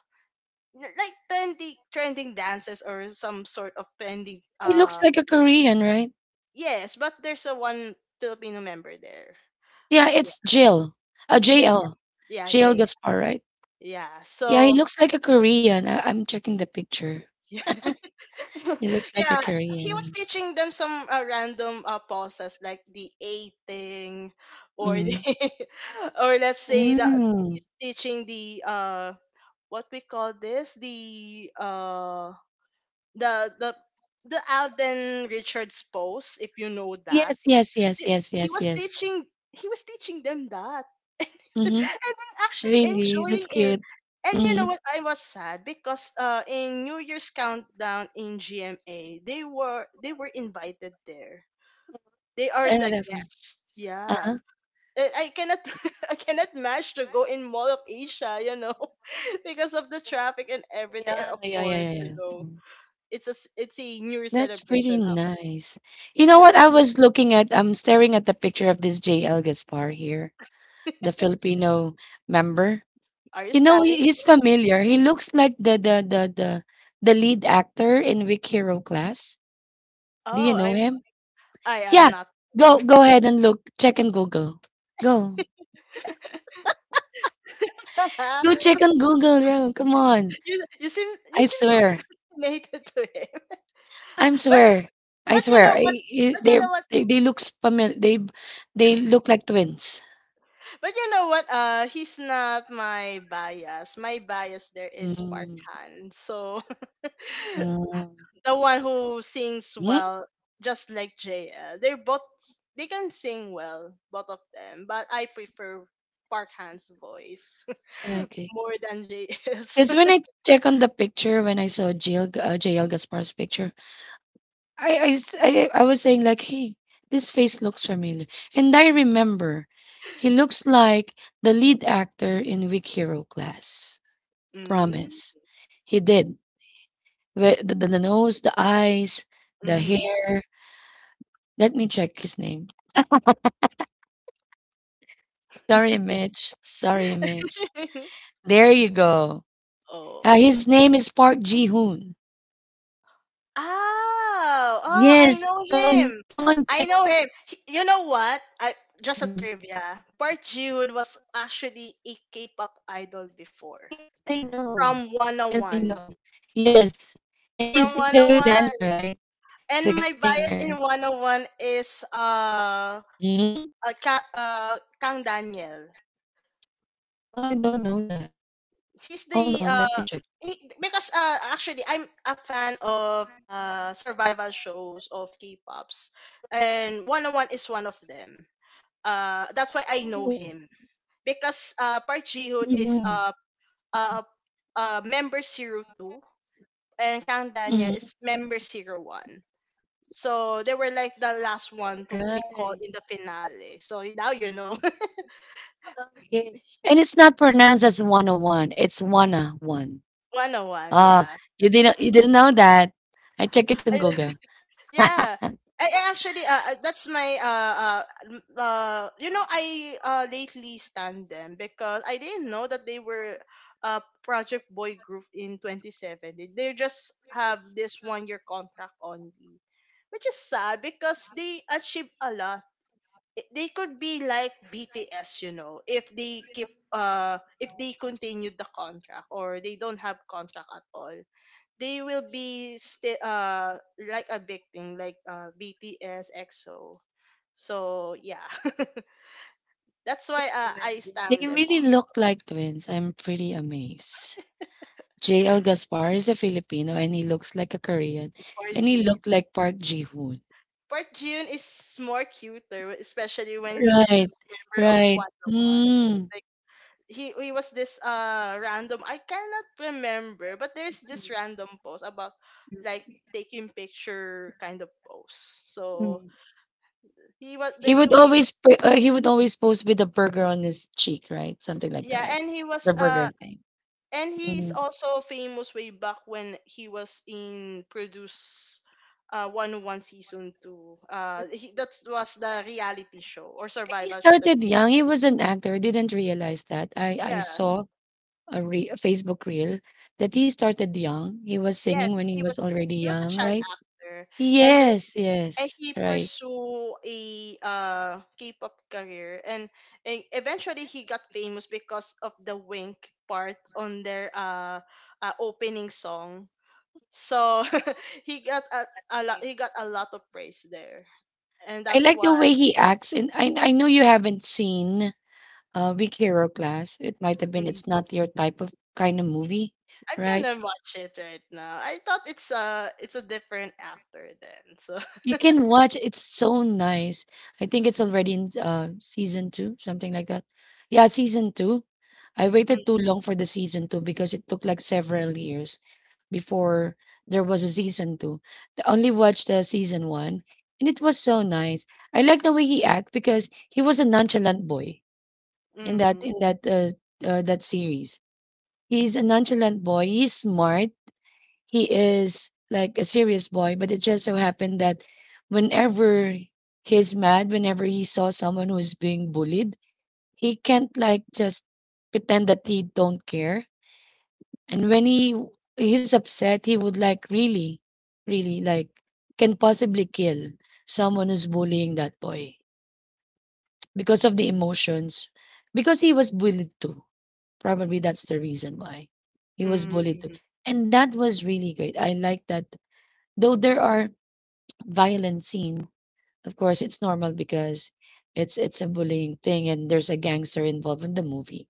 Speaker 2: n- like trendy trending dances or some sort of trending
Speaker 1: He looks like a Korean, right?
Speaker 2: yes, but there's a one Filipino member there.
Speaker 1: Yeah,
Speaker 2: Yeah,
Speaker 1: it's Jill.
Speaker 2: J.
Speaker 1: JL.
Speaker 2: Yeah,
Speaker 1: JL
Speaker 2: J.
Speaker 1: Gaspar, right?
Speaker 2: Yeah,
Speaker 1: Yeah, he
Speaker 2: so
Speaker 1: looks like a Korean. I'm checking the picture. He looks like a
Speaker 2: yeah, he was
Speaker 1: Korean.
Speaker 2: teaching them some random pauses like the A thing, or the,
Speaker 1: Mhm.
Speaker 2: or let's say that
Speaker 1: Mm.
Speaker 2: he's teaching the what we call this the the the Alden Richards pose, if you know that.
Speaker 1: Yes, yes, yes,
Speaker 2: th-
Speaker 1: yes,
Speaker 2: he
Speaker 1: yes,
Speaker 2: was
Speaker 1: yes.
Speaker 2: teaching he was teaching them that.
Speaker 1: Mm-hmm.
Speaker 2: And I'm actually
Speaker 1: Really, that's
Speaker 2: enjoying it.
Speaker 1: cute.
Speaker 2: And you know
Speaker 1: Mm-hmm.
Speaker 2: what? I was sad because in New Year's countdown in GMA, they were invited there. They are
Speaker 1: And what
Speaker 2: the
Speaker 1: happened?
Speaker 2: guests. Yeah,
Speaker 1: Uh-huh.
Speaker 2: I cannot I cannot manage to go in Mall of Asia, because of the traffic and everything. And
Speaker 1: Yeah,
Speaker 2: of
Speaker 1: yeah,
Speaker 2: course,
Speaker 1: yeah, yeah, yeah.
Speaker 2: it's a New Year
Speaker 1: That's pretty
Speaker 2: celebration. Up,
Speaker 1: nice. You know
Speaker 2: yeah.
Speaker 1: what? I'm staring at the picture of this JL Gaspar here, the Filipino member.
Speaker 2: Are you
Speaker 1: You know,
Speaker 2: standing?
Speaker 1: he's familiar. He looks like the the lead actor in Weak Hero Class. Do you
Speaker 2: Oh,
Speaker 1: know him?
Speaker 2: I am
Speaker 1: Yeah.
Speaker 2: not.
Speaker 1: Go ahead and look. Check and Google. Go. Go check on Google, bro. Come on.
Speaker 2: you you seem you
Speaker 1: I
Speaker 2: seem so
Speaker 1: swear.
Speaker 2: fascinated to him.
Speaker 1: I'm
Speaker 2: But
Speaker 1: swear. I
Speaker 2: but you
Speaker 1: swear.
Speaker 2: know what? But you
Speaker 1: They're-
Speaker 2: know what?
Speaker 1: they look familiar. They look like twins.
Speaker 2: But you know what? He's not my bias. My bias there is
Speaker 1: Mm,
Speaker 2: Parkhan. So
Speaker 1: mm,
Speaker 2: the one who sings
Speaker 1: mm.
Speaker 2: well, just like JL. They can sing well, both of them. But I prefer Parkhan's voice
Speaker 1: Okay.
Speaker 2: more than JL's.
Speaker 1: Because when I check on the picture, when I saw JL Gaspar's picture, I was saying like, hey, this face looks familiar. And I remember he looks like the lead actor in Weak Hero class.
Speaker 2: Mm.
Speaker 1: Promise. He did. The nose, the eyes, the
Speaker 2: Mm-hmm.
Speaker 1: hair. Let me check his name. Sorry, Mitch. Sorry, Mitch. There you go.
Speaker 2: Oh.
Speaker 1: His name is Park Ji Hoon.
Speaker 2: Oh, I
Speaker 1: Yes.
Speaker 2: know
Speaker 1: Come on.
Speaker 2: him.
Speaker 1: Come on, check.
Speaker 2: You know what? I Just a
Speaker 1: Hmm.
Speaker 2: trivia. Park Ji-hoon was actually a K-pop idol before,
Speaker 1: Yes, I know.
Speaker 2: from
Speaker 1: Yes, I
Speaker 2: 101.
Speaker 1: know. Yes. And
Speaker 2: From
Speaker 1: he's a good
Speaker 2: 101.
Speaker 1: dancer, right?
Speaker 2: And
Speaker 1: He's a
Speaker 2: my
Speaker 1: good
Speaker 2: bias in
Speaker 1: singer.
Speaker 2: 101 is
Speaker 1: Hmm?
Speaker 2: uh, Ka- uh Kang Daniel.
Speaker 1: Oh, I don't know that.
Speaker 2: He's
Speaker 1: Hold
Speaker 2: the
Speaker 1: on, let
Speaker 2: uh
Speaker 1: me check.
Speaker 2: because actually I'm a fan of survival shows of K-pops, and 101 is one of them. That's why I know
Speaker 1: Oh.
Speaker 2: him, because Park Ji Hoon is
Speaker 1: Mm-hmm.
Speaker 2: uh member 02, and Kang Daniel
Speaker 1: Mm-hmm.
Speaker 2: is member 01. So they were like the last one to be called
Speaker 1: Right.
Speaker 2: in the finale. So now you know.
Speaker 1: Okay. And it's not pronounced as 101. It's 101.
Speaker 2: One on one,
Speaker 1: Ah,
Speaker 2: yeah.
Speaker 1: you didn't know that. I checked it on Google.
Speaker 2: Yeah. I actually that's my m- you know I lately stand them because I didn't know that they were Project Boy Group in 27. They just have this 1 year contract only. Which is sad because they achieve a lot. They could be like BTS, you know, if they keep if they continue the contract, or they don't have contract at all, they will be still like a victim, like BTS, EXO. So yeah, that's why I
Speaker 1: They
Speaker 2: stand them
Speaker 1: really look
Speaker 2: also.
Speaker 1: like twins. I'm pretty amazed. JL Gaspar is a Filipino and he looks like a Korean,
Speaker 2: Park
Speaker 1: and he
Speaker 2: Ji
Speaker 1: looked like Park Ji-hoon.
Speaker 2: Park Jun is more cuter, especially when he's still
Speaker 1: Right,
Speaker 2: a member of
Speaker 1: right.
Speaker 2: One oh One.
Speaker 1: Mm.
Speaker 2: Like he was this random, I cannot remember, but there's this random post about, like, taking picture kind of pose. So he was.
Speaker 1: He would always pose with the burger on his cheek, right? Something like
Speaker 2: Yeah,
Speaker 1: that.
Speaker 2: and he was
Speaker 1: The burger thing.
Speaker 2: and he is
Speaker 1: Mm.
Speaker 2: also famous way back when he was in Produce 101 season 2. That was the reality show or
Speaker 1: And he
Speaker 2: survival show that
Speaker 1: started young. He was an actor. Didn't realize that. I
Speaker 2: yeah,
Speaker 1: saw a Facebook reel that he started young. He was singing
Speaker 2: yes
Speaker 1: when he was already
Speaker 2: he was a
Speaker 1: young,
Speaker 2: child
Speaker 1: right?
Speaker 2: actor, and then
Speaker 1: Yes,
Speaker 2: and
Speaker 1: yes,
Speaker 2: he
Speaker 1: right.
Speaker 2: pursue a K-pop career, and eventually he got famous because of the wink part on their opening song. So he got a lot he got a lot of praise there. And
Speaker 1: I
Speaker 2: that's
Speaker 1: like the
Speaker 2: why.
Speaker 1: way he acts, and I know you haven't seen Big Hero Class. It might have been
Speaker 2: Mm,
Speaker 1: it's not your type of kind of movie,
Speaker 2: I'm
Speaker 1: right?
Speaker 2: gonna watch it right now. I thought it's a different actor then. So
Speaker 1: You can watch. It's so nice. I think it's already in season two, something like that. Yeah, season two. I
Speaker 2: mm,
Speaker 1: waited too long for the season two because it took like several years before there was a season two. I only watched the season one, and it was so nice. I like the way he acts because he was a nonchalant boy in that
Speaker 2: mhm,
Speaker 1: in that uh, uh, that series. He's a nonchalant boy. He's smart. He is like a serious boy, but it just so happened that whenever he's mad, whenever he saw someone who's being bullied, he can't like just pretend that he don't care. And when he's upset, he would like really, really like can possibly kill someone who's bullying that boy because of the emotions because he was bullied too. Probably that's the reason why he was bullied too.
Speaker 2: mhm,
Speaker 1: And that was really great. I like that. Though there are violent scene, of course, it's normal because it's a bullying thing and there's a gangster involved in the movie.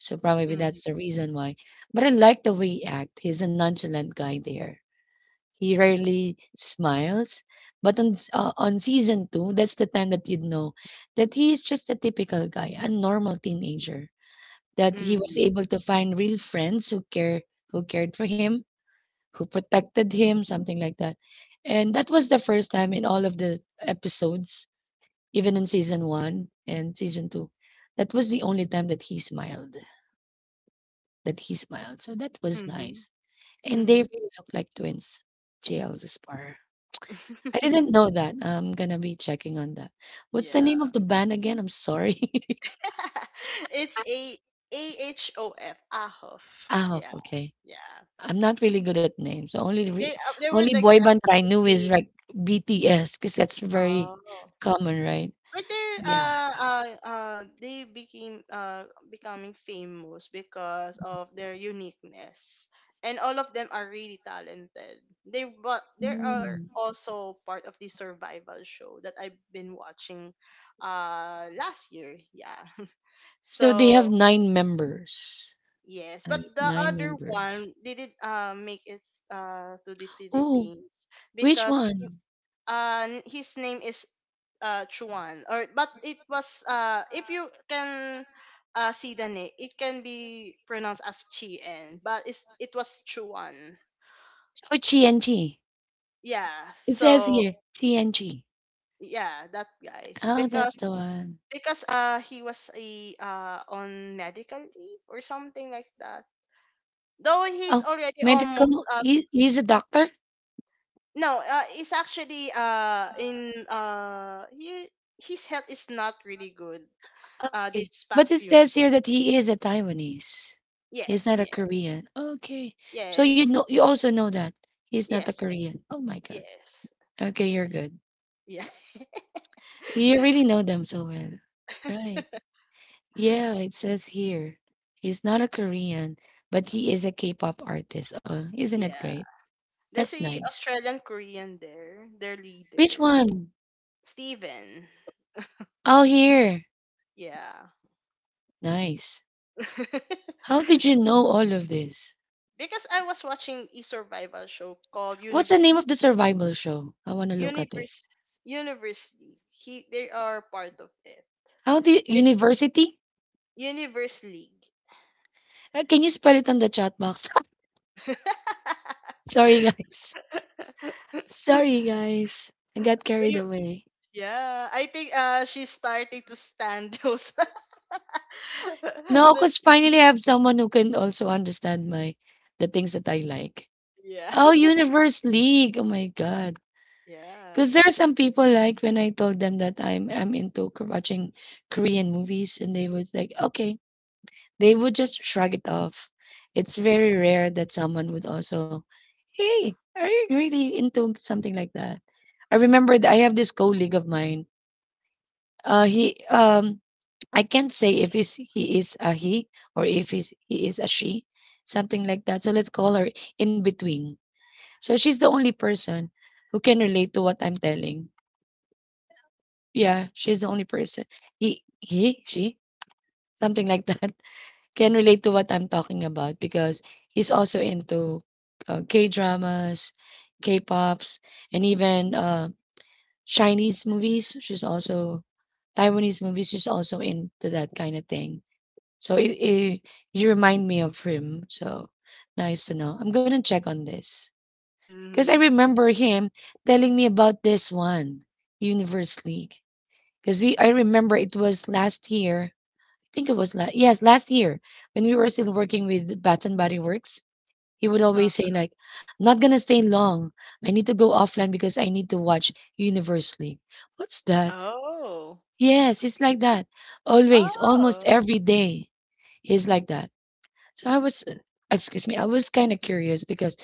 Speaker 1: So probably
Speaker 2: mhm,
Speaker 1: that's the reason why. But I like the way he act. He's a nonchalant guy there. He rarely smiles. But on season two, that's the time that you'd know that he is just a typical guy, a normal teenager that he was
Speaker 2: mhm,
Speaker 1: able to find real friends who care, who cared for him, who protected him, something like that. And that was the first time in all of the episodes, even in season 1 and season 2. That was the only time that he smiled, that he smiled. So that was
Speaker 2: mhm, mhm.
Speaker 1: nice. And they
Speaker 2: Mhm.
Speaker 1: really look like twins. JL Zaspar. I didn't know that. I'm gonna be checking on that. What's the name of
Speaker 2: Yeah.
Speaker 1: the band again? I'm sorry.
Speaker 2: It's a A H O F, Ahof.
Speaker 1: Ah,
Speaker 2: Yeah,
Speaker 1: okay.
Speaker 2: yeah.
Speaker 1: I'm not really good at names. The
Speaker 2: They were
Speaker 1: only
Speaker 2: the
Speaker 1: boy band
Speaker 2: guests
Speaker 1: that I
Speaker 2: in
Speaker 1: knew is
Speaker 2: the.
Speaker 1: like BTS because that's very
Speaker 2: Oh.
Speaker 1: common, right?
Speaker 2: But
Speaker 1: So yeah.
Speaker 2: they became becoming famous because of their uniqueness. And all of them are really talented. They, but they are
Speaker 1: Mm.
Speaker 2: also part of the survival show that I've been watching last year. Yeah.
Speaker 1: So they have
Speaker 2: So
Speaker 1: nine members.
Speaker 2: yes, but
Speaker 1: Right?
Speaker 2: the
Speaker 1: Nine
Speaker 2: other
Speaker 1: members.
Speaker 2: one didn't make it to the
Speaker 1: Oh,
Speaker 2: Philippines
Speaker 1: which
Speaker 2: because
Speaker 1: one?
Speaker 2: his name is Chuan. Or, but it was if you can see the name, it can be pronounced as Chien, but it's it was Chuan.
Speaker 1: Oh, TNT.
Speaker 2: Yeah,
Speaker 1: It says
Speaker 2: so
Speaker 1: here TNT.
Speaker 2: yeah, that guy,
Speaker 1: Oh, that's
Speaker 2: because
Speaker 1: the one.
Speaker 2: he was a on medical leave or something like that, though he's
Speaker 1: Oh,
Speaker 2: already almost
Speaker 1: medical. He's a doctor.
Speaker 2: no, it's actually in he, his health is not really good
Speaker 1: Oh, okay.
Speaker 2: this
Speaker 1: But
Speaker 2: past
Speaker 1: it
Speaker 2: few.
Speaker 1: says here that he is a Taiwanese. He's
Speaker 2: Yes,
Speaker 1: not a
Speaker 2: yeah,
Speaker 1: Korean. Okay. So you know
Speaker 2: yes,
Speaker 1: you also know that he's not a
Speaker 2: yes, yes,
Speaker 1: Korean. Oh my God.
Speaker 2: yes.
Speaker 1: Okay, you're good.
Speaker 2: Yeah.
Speaker 1: You really know them so well. Right. Yeah, it says here. He's not a Korean, but he is a K-pop artist. Oh, isn't it
Speaker 2: Yeah.
Speaker 1: great?
Speaker 2: There's
Speaker 1: That's
Speaker 2: a
Speaker 1: nice.
Speaker 2: Australian Korean there, their
Speaker 1: Which
Speaker 2: leader.
Speaker 1: one?
Speaker 2: Steven.
Speaker 1: Oh, here.
Speaker 2: Yeah.
Speaker 1: Nice.
Speaker 2: Because
Speaker 1: How did you know all of this?
Speaker 2: I was watching a survival show called
Speaker 1: What's the name
Speaker 2: Universe,
Speaker 1: of the survival show? I want to look at it.
Speaker 2: Universe Universe League. He They are part of it.
Speaker 1: How do you,
Speaker 2: It-
Speaker 1: university?
Speaker 2: Universe League.
Speaker 1: Can you spell it on the chat box? Sorry, guys. Sorry, guys. I got
Speaker 2: Well,
Speaker 1: carried away.
Speaker 2: yeah, I think she's starting to stand those.
Speaker 1: No,
Speaker 2: The.
Speaker 1: because finally I have someone who can also understand my the things that I like.
Speaker 2: Yeah,
Speaker 1: Oh, Universe League. Oh my God.
Speaker 2: yeah.
Speaker 1: Because there are some people like when I told them that I'm into watching Korean movies, and they was like, okay, they would just shrug it off. It's very rare that someone would also, hey, are you really into something like that? I remember that I have this colleague of mine. He I can't say if is he is a he or if he is a she, something like that. So let's call her in between. So she's the only person who can relate to what I'm telling. Yeah, she's the only person. He she, something like that, can relate to what I'm talking about because he's also into K dramas, K pops, and even Chinese movies. She's also Taiwanese movies. She's also into that kind of thing. So it, you remind me of him. So nice to know. I'm gonna check on this because I
Speaker 2: Mhm.
Speaker 1: remember him telling me about this one Universe League. I remember it was last year. I think it was last, last year, when we were still working with Bath and Body Works. He would
Speaker 2: Uh,
Speaker 1: always say like, "I'm not gonna stay long. I need to go offline because I need to watch Universe League." What's that?
Speaker 2: oh,
Speaker 1: Yes, it's like that. Always, almost
Speaker 2: oh,
Speaker 1: every day, he's like that. So I was, excuse me, I was kind of curious because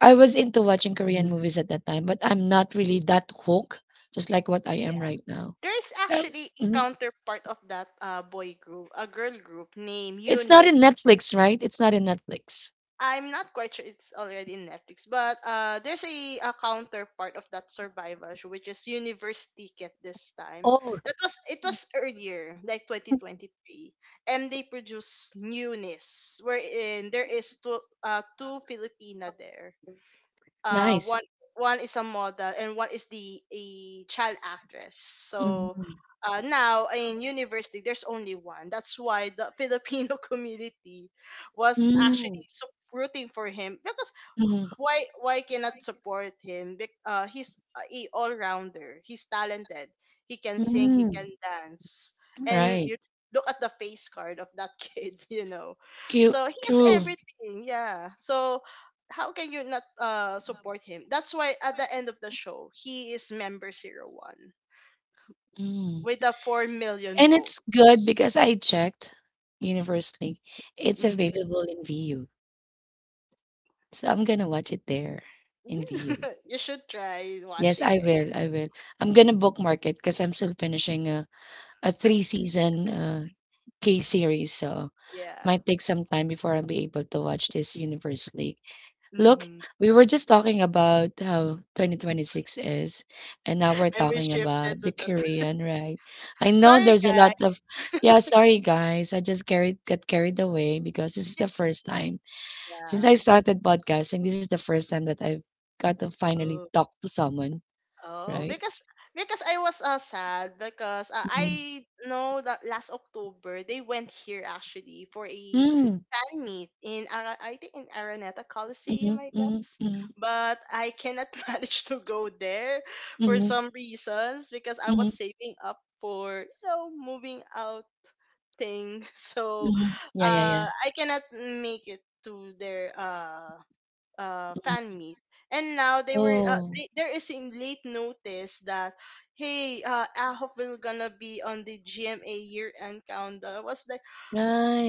Speaker 1: I was into watching Korean movies at that time, but I'm not really that hooked, just like what I am
Speaker 2: yeah.
Speaker 1: right now.
Speaker 2: There's
Speaker 1: So I was,
Speaker 2: actually a
Speaker 1: mhm.
Speaker 2: counterpart of that boy group, a girl group named
Speaker 1: It's not
Speaker 2: Unit.
Speaker 1: in Netflix, right? It's not in Netflix.
Speaker 2: I'm not quite sure it's already in Netflix, but there's a counterpart of that survival show, which is Universe Ticket this time.
Speaker 1: Oh,
Speaker 2: That was It was earlier, like 2023, and they produce newness, wherein there is two Filipina there.
Speaker 1: nice.
Speaker 2: One, is a model, and one is the a child actress. So
Speaker 1: Mhm.
Speaker 2: now in university, there's only one. That's why the Filipino community was
Speaker 1: Mm,
Speaker 2: actually so rooting for him. Because
Speaker 1: mm,
Speaker 2: why cannot support him? He's a all rounder. He's talented. He can sing. He
Speaker 1: mm.
Speaker 2: can dance. And
Speaker 1: Right.
Speaker 2: you look at the face card of that kid. You know,
Speaker 1: Cute.
Speaker 2: so he has
Speaker 1: True.
Speaker 2: everything. Yeah. So how can you not support him? That's why at the end of the show he is member 01,
Speaker 1: Mm.
Speaker 2: with the 4 million
Speaker 1: And it's good
Speaker 2: votes.
Speaker 1: because I checked universally. It's
Speaker 2: Mm-hmm.
Speaker 1: available in VU. So I'm gonna watch it there in VU.
Speaker 2: You should try
Speaker 1: Yes,
Speaker 2: watching
Speaker 1: I
Speaker 2: it.
Speaker 1: will, I will. I'm gonna bookmark it because 'cause I'm still finishing a three-season, K-series, so
Speaker 2: Yeah.
Speaker 1: might take some time before I'll be able to watch this Universe League. Look,
Speaker 2: Mm-hmm.
Speaker 1: we were just talking about how 2026 is, and now we're
Speaker 2: And we
Speaker 1: talking
Speaker 2: shifted
Speaker 1: about
Speaker 2: to
Speaker 1: the
Speaker 2: that.
Speaker 1: Korean, right? I know
Speaker 2: Sorry,
Speaker 1: there's a lot of
Speaker 2: guys.
Speaker 1: yeah, sorry guys, I just carried away because this is the first time since
Speaker 2: Yeah.
Speaker 1: I started podcasting, this is the first time that I've got to finally
Speaker 2: Oh,
Speaker 1: talk to someone,
Speaker 2: oh,
Speaker 1: right?
Speaker 2: because because I was sad because
Speaker 1: Mm-hmm.
Speaker 2: I know that last October they went here actually for a
Speaker 1: Hmm,
Speaker 2: fan meet in I think in Araneta Coliseum,
Speaker 1: mhm,
Speaker 2: I
Speaker 1: mhm,
Speaker 2: guess,
Speaker 1: mhm,
Speaker 2: but I cannot manage to go there for
Speaker 1: mhm,
Speaker 2: some reasons because I was
Speaker 1: mhm,
Speaker 2: saving up for, you know, moving out thing. So
Speaker 1: mhm. Yeah, yeah, yeah.
Speaker 2: I cannot make it to their
Speaker 1: Mhm.
Speaker 2: fan meet. And now
Speaker 1: Oh,
Speaker 2: there is in late notice that, hey, Ahok will gonna be on the GMA year end countdown. I was like,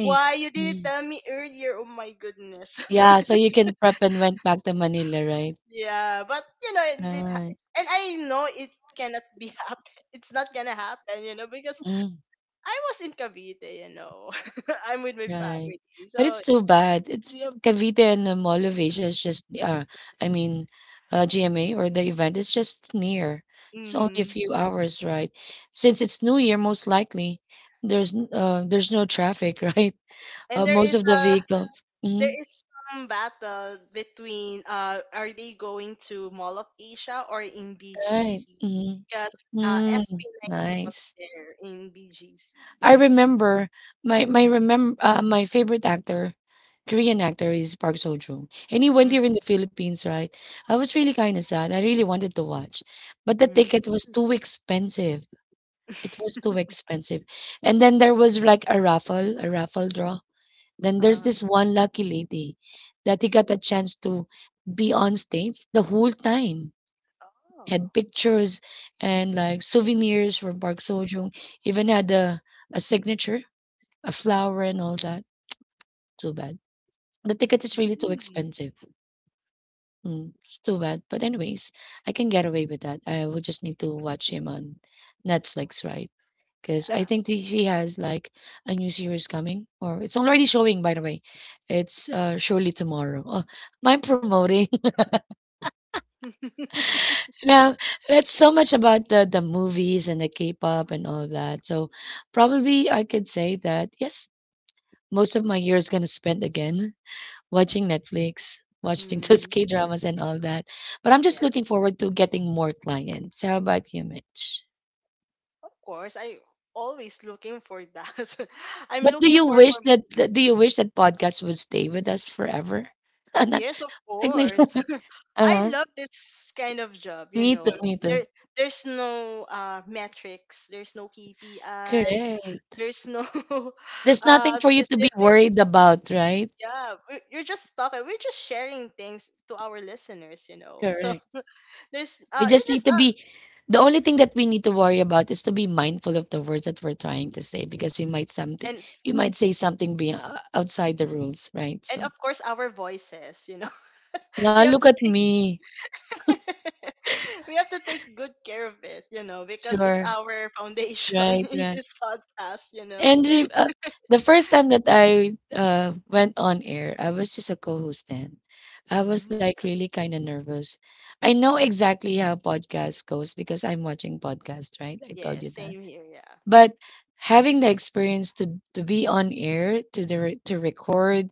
Speaker 2: why you didn't
Speaker 1: Mm.
Speaker 2: tell me earlier? Oh my goodness.
Speaker 1: Yeah, so you can prep and went back to Manila, right?
Speaker 2: Yeah, but you know it did,
Speaker 1: Right.
Speaker 2: and I know it cannot be happen. It's not gonna happen, you know, because
Speaker 1: Mm,
Speaker 2: I was in Cavite, you know. I'm with my
Speaker 1: right.
Speaker 2: family,
Speaker 1: But
Speaker 2: so.
Speaker 1: it's too bad. It's you know, Cavite and Mall of Asia is just I mean GMA or the event is just near. It's only a
Speaker 2: Hmm.
Speaker 1: few hours, right? Since it's New Year, most likely there's no traffic, right?
Speaker 2: And there
Speaker 1: Most
Speaker 2: is
Speaker 1: of the
Speaker 2: a
Speaker 1: vehicles. Mhm,
Speaker 2: there is some battle between are they going to Mall of Asia or in
Speaker 1: right.
Speaker 2: BGC,
Speaker 1: Mhm.
Speaker 2: because
Speaker 1: Mm,
Speaker 2: SB19 was
Speaker 1: nice.
Speaker 2: there in BGC.
Speaker 1: I remember my favorite actor, Korean actor is Park Seo-joon. And he went
Speaker 2: Mm.
Speaker 1: here in the Philippines, right? I was really kind of sad. I really wanted to watch, but the
Speaker 2: Mm.
Speaker 1: ticket was too expensive. It was too expensive. And then there was like a raffle draw. Then there's
Speaker 2: uh,
Speaker 1: this one lucky lady that he got a chance to be on stage the whole time.
Speaker 2: oh.
Speaker 1: Had pictures and like souvenirs from Park Sojong. Even had a signature, a flower, and all that. Too bad. The ticket is really too
Speaker 2: Mm.
Speaker 1: expensive. Mm, it's too bad. But anyways, I can get away with that. I would just need to watch him on Netflix, right? Because I
Speaker 2: Yeah.
Speaker 1: think that he has like a new series coming, or it's already showing. By the way, it's surely tomorrow. Oh, am I promoting? Now, that's so much about the movies and the K-pop and all of that. So probably I could say that yes, most of my year is gonna spend again watching Netflix, watching those
Speaker 2: Mm.
Speaker 1: K-dramas and all that. But I'm just
Speaker 2: Yeah.
Speaker 1: looking forward to getting more clients. How about you, Mitch?
Speaker 2: Of course, I always looking for that. I'm
Speaker 1: But do
Speaker 2: looking
Speaker 1: you
Speaker 2: for
Speaker 1: wish that do you wish that podcasts would stay with us forever? Not
Speaker 2: yes, of
Speaker 1: like
Speaker 2: course.
Speaker 1: huh.
Speaker 2: I love this kind of job, you
Speaker 1: Me too,
Speaker 2: know.
Speaker 1: me too.
Speaker 2: There there's no metrics, there's no KPIs,
Speaker 1: Correct.
Speaker 2: there's no
Speaker 1: There's nothing for you to be
Speaker 2: specifics.
Speaker 1: worried about, right?
Speaker 2: Yeah, you're just talking. We're just sharing things to our listeners, you know. So
Speaker 1: Correct.
Speaker 2: there's
Speaker 1: We
Speaker 2: you
Speaker 1: just need
Speaker 2: just
Speaker 1: to be The only thing that we need to worry about is to be mindful of the words that we're trying to say because we might something
Speaker 2: and
Speaker 1: you might say something be outside the rules, right?
Speaker 2: of
Speaker 1: So
Speaker 2: course our voices, you know. We
Speaker 1: yeah,
Speaker 2: have
Speaker 1: look
Speaker 2: to
Speaker 1: at
Speaker 2: take
Speaker 1: me.
Speaker 2: we have to take good care of it, you know, because it's
Speaker 1: Sure,
Speaker 2: our foundation
Speaker 1: right,
Speaker 2: in
Speaker 1: right.
Speaker 2: this podcast, you know.
Speaker 1: And re- uh, the first time that I went on air, I was just a co-host then. I was
Speaker 2: Mhm.
Speaker 1: like really kind of nervous. I know exactly how podcast goes because I'm watching podcast, right? I
Speaker 2: Yeah,
Speaker 1: told you that.
Speaker 2: same here, yeah.
Speaker 1: But having the experience to be on air to record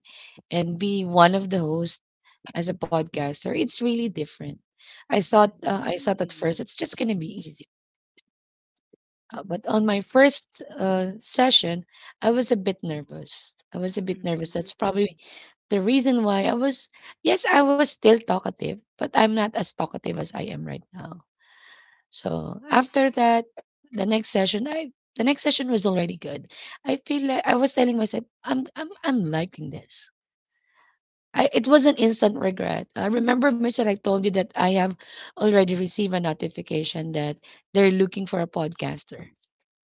Speaker 1: and be one of the hosts as a podcaster, it's really different. I thought, I thought at
Speaker 2: Mm,
Speaker 1: first it's just going to be easy. But on my first session, I was a bit nervous, I was a bit nervous that's
Speaker 2: mm,
Speaker 1: probably the reason why I was yes I was still talkative but I'm not as talkative as I am right now. So after that, the next session, I the next session was already good. I feel like I was telling myself, I'm liking this. I it was an instant regret. I remember, Mitch, that I told you that I have already received a notification that they're looking for a podcaster.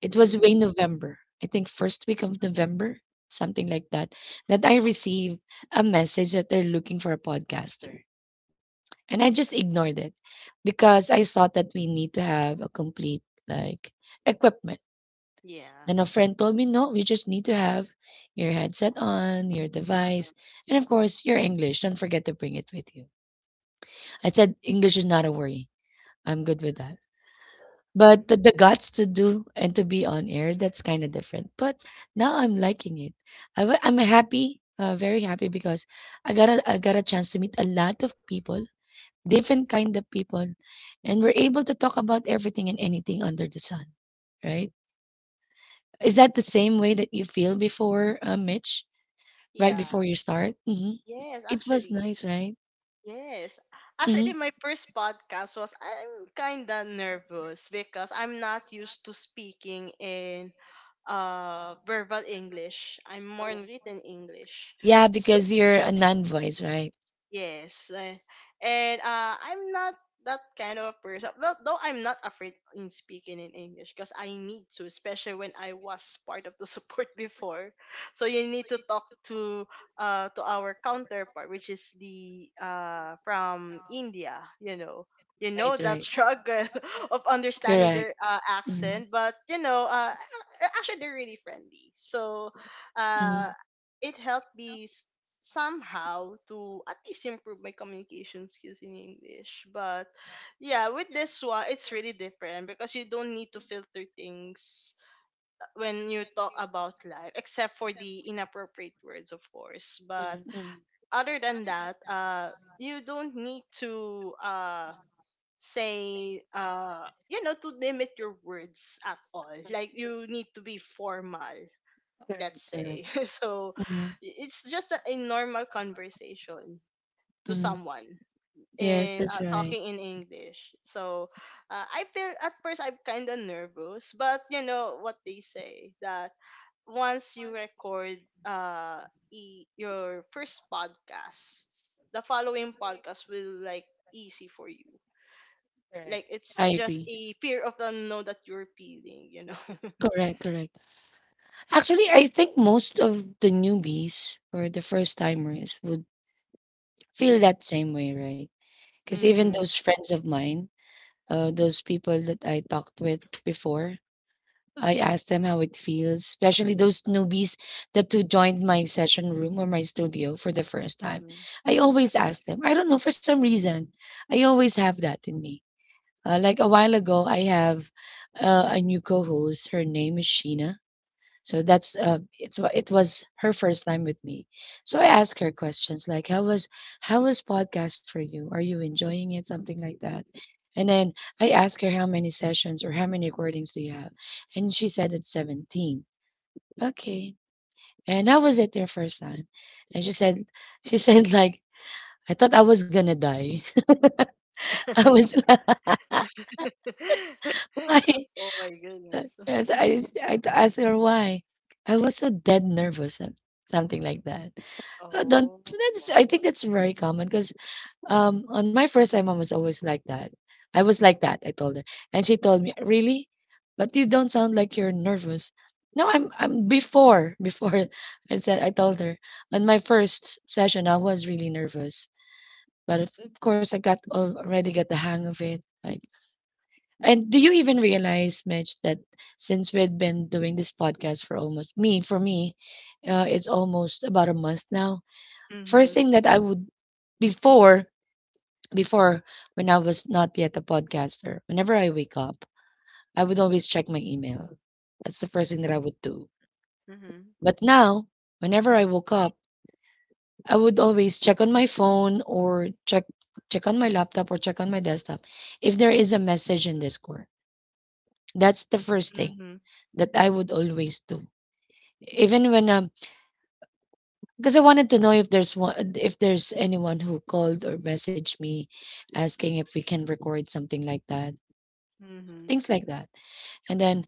Speaker 1: It was way
Speaker 2: mm,
Speaker 1: November, I think first week of November, something like that, that I received a message that they're looking for a podcaster. And I just ignored it because I thought that we need to have a complete like equipment.
Speaker 2: yeah.
Speaker 1: Then a friend told me, no, we just need to have your headset on, your
Speaker 2: uh
Speaker 1: device, and of course, your English. Don't forget to bring it with you. I said, English is not a worry. I'm good with that. But the,
Speaker 2: Mm.
Speaker 1: the guts to do and to be on air, that's kind of different. But now I'm liking it. I am happy, very happy because I got, I got a chance to meet a lot of people, different kind of people, and we're able to talk about everything and anything under the sun, right? Is that the same way that you feel before, Mitch? Right
Speaker 2: Yeah.
Speaker 1: before you start,
Speaker 2: Yes,
Speaker 1: it was
Speaker 2: actually.
Speaker 1: nice, right?
Speaker 2: Yes.
Speaker 1: hmm
Speaker 2: Actually, my first podcast was, I'm kind of nervous because I'm not used to speaking in verbal English. I'm more in written English.
Speaker 1: Yeah,
Speaker 2: So,
Speaker 1: because you're a non-voice, right?
Speaker 2: yes, and I'm not that kind of a person. Well, though I'm not afraid in speaking in English because I need to, especially when I was part of the support before. So you need to talk to our counterpart, which is the from India. You
Speaker 1: Right,
Speaker 2: know that
Speaker 1: right.
Speaker 2: struggle of understanding
Speaker 1: Correct.
Speaker 2: their
Speaker 1: Mhm.
Speaker 2: accent, but you know, actually they're really friendly. So,
Speaker 1: Mhm.
Speaker 2: uh, it helped me somehow to at least improve my communication skills in English. But yeah, with this one, it's really different because you don't need to filter things when you talk about life, except for the inappropriate words, of course. But
Speaker 1: Correct.
Speaker 2: other than that, you don't need to say you know, to limit your words at all, like you need to be formal, let's say.
Speaker 1: Correct.
Speaker 2: So
Speaker 1: Mhm.
Speaker 2: it's just a normal conversation to
Speaker 1: Mhm.
Speaker 2: someone
Speaker 1: Yes,
Speaker 2: in
Speaker 1: that's right.
Speaker 2: talking in English. So I feel at first I'm kind of nervous, but you know what they say that once you record uh your first podcast, the following podcast will like easy for you. Like, it's
Speaker 1: I
Speaker 2: just
Speaker 1: agree.
Speaker 2: a fear of the unknown that you're feeling, you know.
Speaker 1: Correct, correct. Actually, I think most of the newbies or the first timers would feel that same way, right? Because even
Speaker 2: Mhm.
Speaker 1: those friends of mine, those people that I talked with before, I asked them how it feels, especially those newbies that who joined my session room or my studio for the first time.
Speaker 2: Mhm.
Speaker 1: I
Speaker 2: Yeah.
Speaker 1: always ask them. I don't know for some reason, I always have that in me. Like a while ago, I have a new co-host. Her name is Sheena, so that's it was her first time with me. So I asked her questions like how was, how was podcast for you? Are you enjoying it? Something like that. And then I asked her how many sessions or how many recordings do you have? And she said it's 17. Okay. And how was it your first time? And she said, she said like, I thought I was gonna die. I was like, why?
Speaker 2: Oh my goodness.
Speaker 1: As I I asked her why. I was so dead nervous, some- something like that. That-
Speaker 2: Oh.
Speaker 1: that's I think that's very common because on my first time I was always like that. I was like that, I told her. And she told me, really? But you don't sound like you're nervous. No, I'm before I said, I told her, on my first session I was really nervous. But of course I already got the hang of it. Like, and do you even realize, Mitch, that since we've been doing this podcast for almost for me, it's almost about a month now. First
Speaker 2: Mhm.
Speaker 1: thing that I would, before before when I was not yet a podcaster, whenever I wake up, I would always check my email. That's the first thing that I
Speaker 2: Mhm.
Speaker 1: would do.
Speaker 2: Mhm.
Speaker 1: But now, whenever I woke up, I would always check on my phone or check on my laptop or check on my desktop if there is a message in Discord. That's the first thing
Speaker 2: Mhm.
Speaker 1: that I would always do. Even when, because I wanted to know if there's one if there's anyone who called or messaged me asking if we can record, something like that.
Speaker 2: Mhm.
Speaker 1: Things like that. And then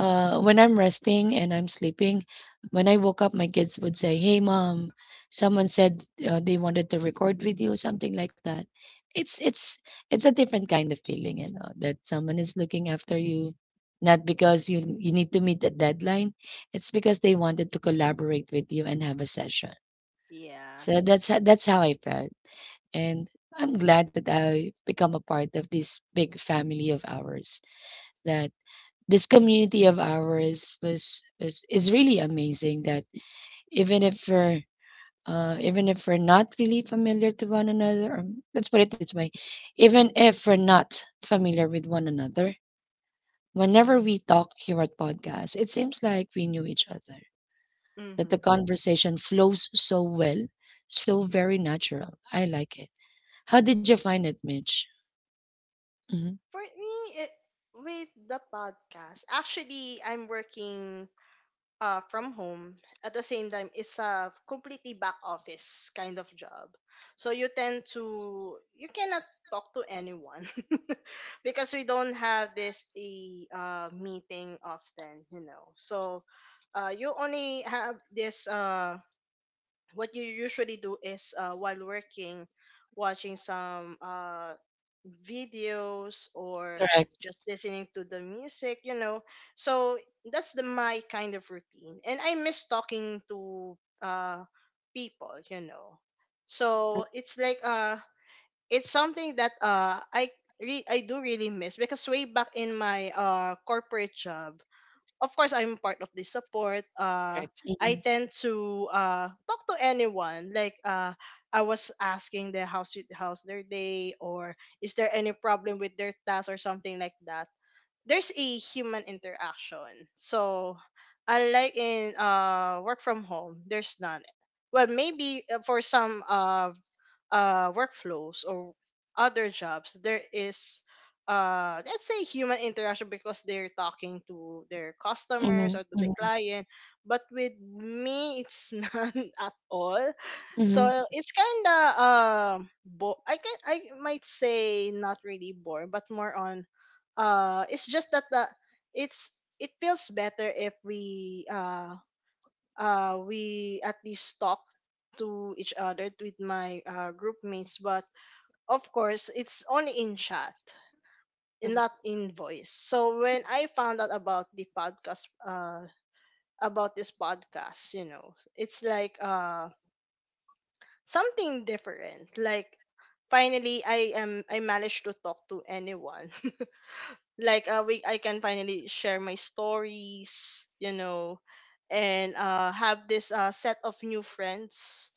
Speaker 1: when I'm resting and I'm sleeping, when I woke up, my kids would say, "Hey, mom, someone said they wanted to record with you," something like that. It's it's a different kind of feeling, you know, that someone is looking after you, not because you need to meet a deadline. It's because they wanted to collaborate with you and have a session.
Speaker 2: Yeah.
Speaker 1: So that's how I felt, and I'm glad that I become a part of this big family of ours, that this community of ours was is really amazing that, even if we're even if we're not really familiar to one another, or let's put it this way, even if we're not familiar with one another, whenever we talk here at podcast, it seems like we knew each other. That
Speaker 2: Mhm.
Speaker 1: the conversation flows so well, so very natural. I like it. How did you find it, Mitch? hmm
Speaker 2: For me, it, with the podcast, actually, I'm working from home. At the same time, it's a completely back office kind of job. So you tend to, you cannot talk to anyone because we don't have this a meeting often, you know. You only have this what you usually do is while working watching some videos or
Speaker 1: Correct.
Speaker 2: just listening to the music. So that's the my kind of routine, and I miss talking to people. So it's like it's something that I do really miss, because way back in my corporate job, of course I'm part of the support.
Speaker 1: Correct.
Speaker 2: I tend to talk to anyone. Like I was asking the house how's their day, or is there any problem with their task or something like that. There's a human interaction. So unlike in work from home, there's none. Well, maybe for some workflows or other jobs, there is let's say human interaction because they're talking to their customers or
Speaker 1: Mm-hmm.
Speaker 2: to the client. But with me, it's none at all.
Speaker 1: Mm-hmm.
Speaker 2: So it's kind of I can, I might say, not really boring, but more on it's just that the it's it feels better if we at least talk to each other with my group mates, but of course it's only in chat and not in voice. So when I found out about the podcast, about this podcast, you know, it's like something different. Like, finally I managed to talk to anyone. Like we I can finally share my stories, you know, and have this set of new friends.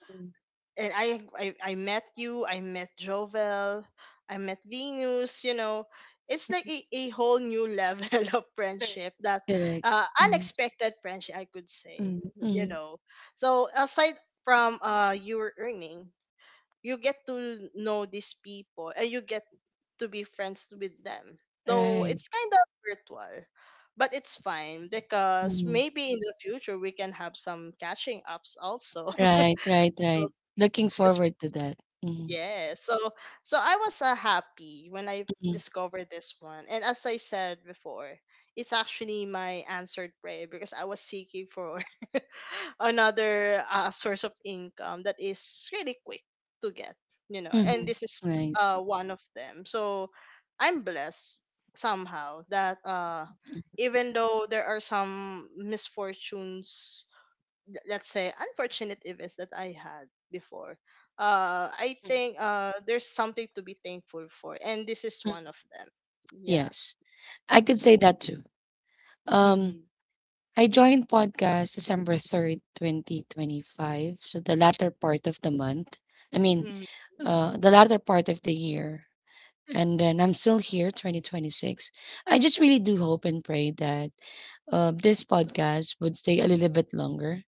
Speaker 2: And I I met you, I met Jovel, I met Venus. You know, it's like a whole new level of friendship that
Speaker 1: Correct. Mm-hmm.
Speaker 2: unexpected friendship, I could say. You
Speaker 1: Mm-hmm.
Speaker 2: know, so aside from your earning, you get to know these people, and you get to be friends with them. Though
Speaker 1: Right.
Speaker 2: it's kind of virtual, but it's fine because
Speaker 1: Mhm.
Speaker 2: maybe in the future we can have some catching ups also.
Speaker 1: Right, right, right.
Speaker 2: Those-
Speaker 1: Looking
Speaker 2: it's-
Speaker 1: forward to that. Mhm,
Speaker 2: yeah, so so I was happy when I
Speaker 1: mhm,
Speaker 2: discovered this one, and as I said before, it's actually my answered prayer, because I was seeking for another source of income that is really quick to get, you know. And
Speaker 1: mhm.
Speaker 2: this is
Speaker 1: Nice.
Speaker 2: one of them. So I'm blessed somehow that even though there are some misfortunes, let's say unfortunate events that I had before, I
Speaker 1: Mhm,
Speaker 2: think there's something to be thankful for, and this is
Speaker 1: mhm.
Speaker 2: one of them. Yeah.
Speaker 1: Yes. I could say that too.
Speaker 2: Mm-hmm.
Speaker 1: Um, I joined podcast December 3rd, 2025. So the latter part of the month. I mean,
Speaker 2: hmm
Speaker 1: the latter part of the year. And then I'm still here, 2026. I just really do hope and pray that this podcast would stay a little bit longer.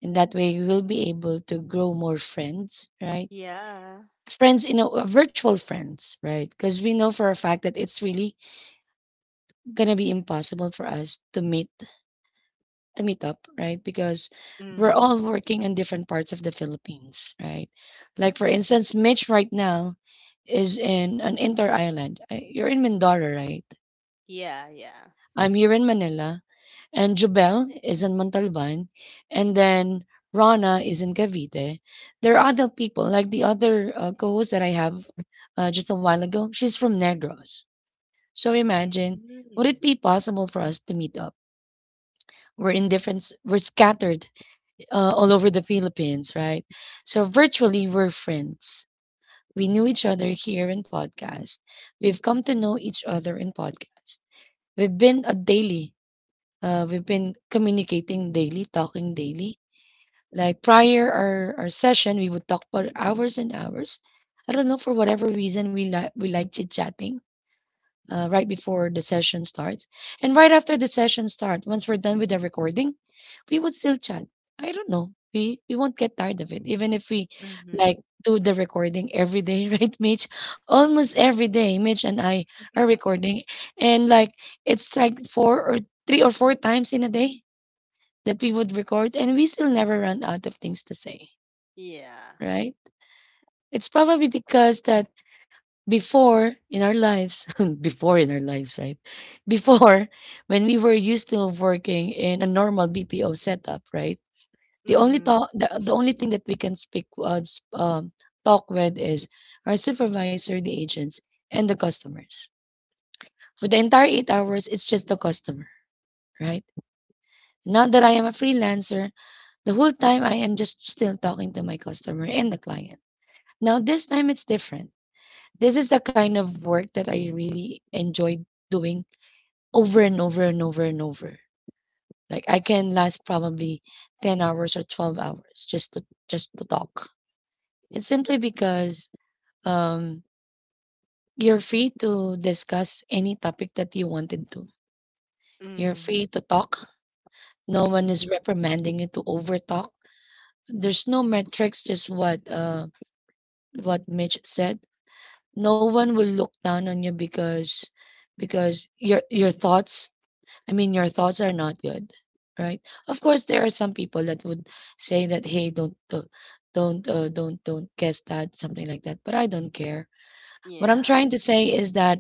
Speaker 1: And that way, we will be able to grow more friends, right?
Speaker 2: yeah.
Speaker 1: Friends, you know, virtual friends, right? Because we know for a fact that it's really gonna be impossible for us to meet up, right? Because we're
Speaker 2: Mm-hmm.
Speaker 1: all working in different parts of the Philippines, right? Like for instance, Mitch right now is in an inter island. You're in Mindoro, right?
Speaker 2: Yeah, yeah.
Speaker 1: I'm here in Manila, and Jubel is in Montalban, and then Rana is in Cavite. There are other people, like the other co-host that I have just a while ago. She's from Negros. So imagine,
Speaker 2: Mm-hmm.
Speaker 1: would it be possible for us to meet up? We're in different, we're scattered all over the Philippines, right? So virtually, we're friends. We knew each other here in podcast. We've come to know each other in podcast. We've been a daily, uh, we've been communicating daily, talking daily. Like prior our session, we would talk for hours and hours. I don't know for whatever reason we like chit chatting right before the session starts, and right after the session starts, once we're done with the recording, we would still chat. I don't know. We won't get tired of it, even if we
Speaker 2: Mhm.
Speaker 1: like do the recording every day, right, Mitch? Almost every day, Mitch and I are recording, and like it's like four or three or four times in a day that we would record, and we still never run out of things to say,
Speaker 2: Yeah.
Speaker 1: right? It's probably because that, before in our lives, before in our lives, right? Before, when we were used to working in a normal BPO setup, right?
Speaker 2: Mhm.
Speaker 1: The only thing that we can speak, talk with is our supervisor, the agents, and the customers. For the entire 8 hours, it's just the customer, right? Now that I am a freelancer, the whole time I am just still talking to my customer and the client. Now, this time it's different. This is the kind of work that I really enjoy doing over and over and over and over. Like I can last probably 10 hours or 12 hours just to talk. It's simply because um you're free to discuss any topic that you wanted to. You're
Speaker 2: Mhm.
Speaker 1: free to talk. No one
Speaker 2: Mhm.
Speaker 1: is reprimanding you to overtalk. There's no metrics, just what Mitch said. No one will look down on you because your thoughts, I mean your thoughts are not good, right? Of course there are some people that would say that, hey, don't don't guess that, something like that, but I don't care. What I'm
Speaker 2: Yeah.
Speaker 1: trying to say is that,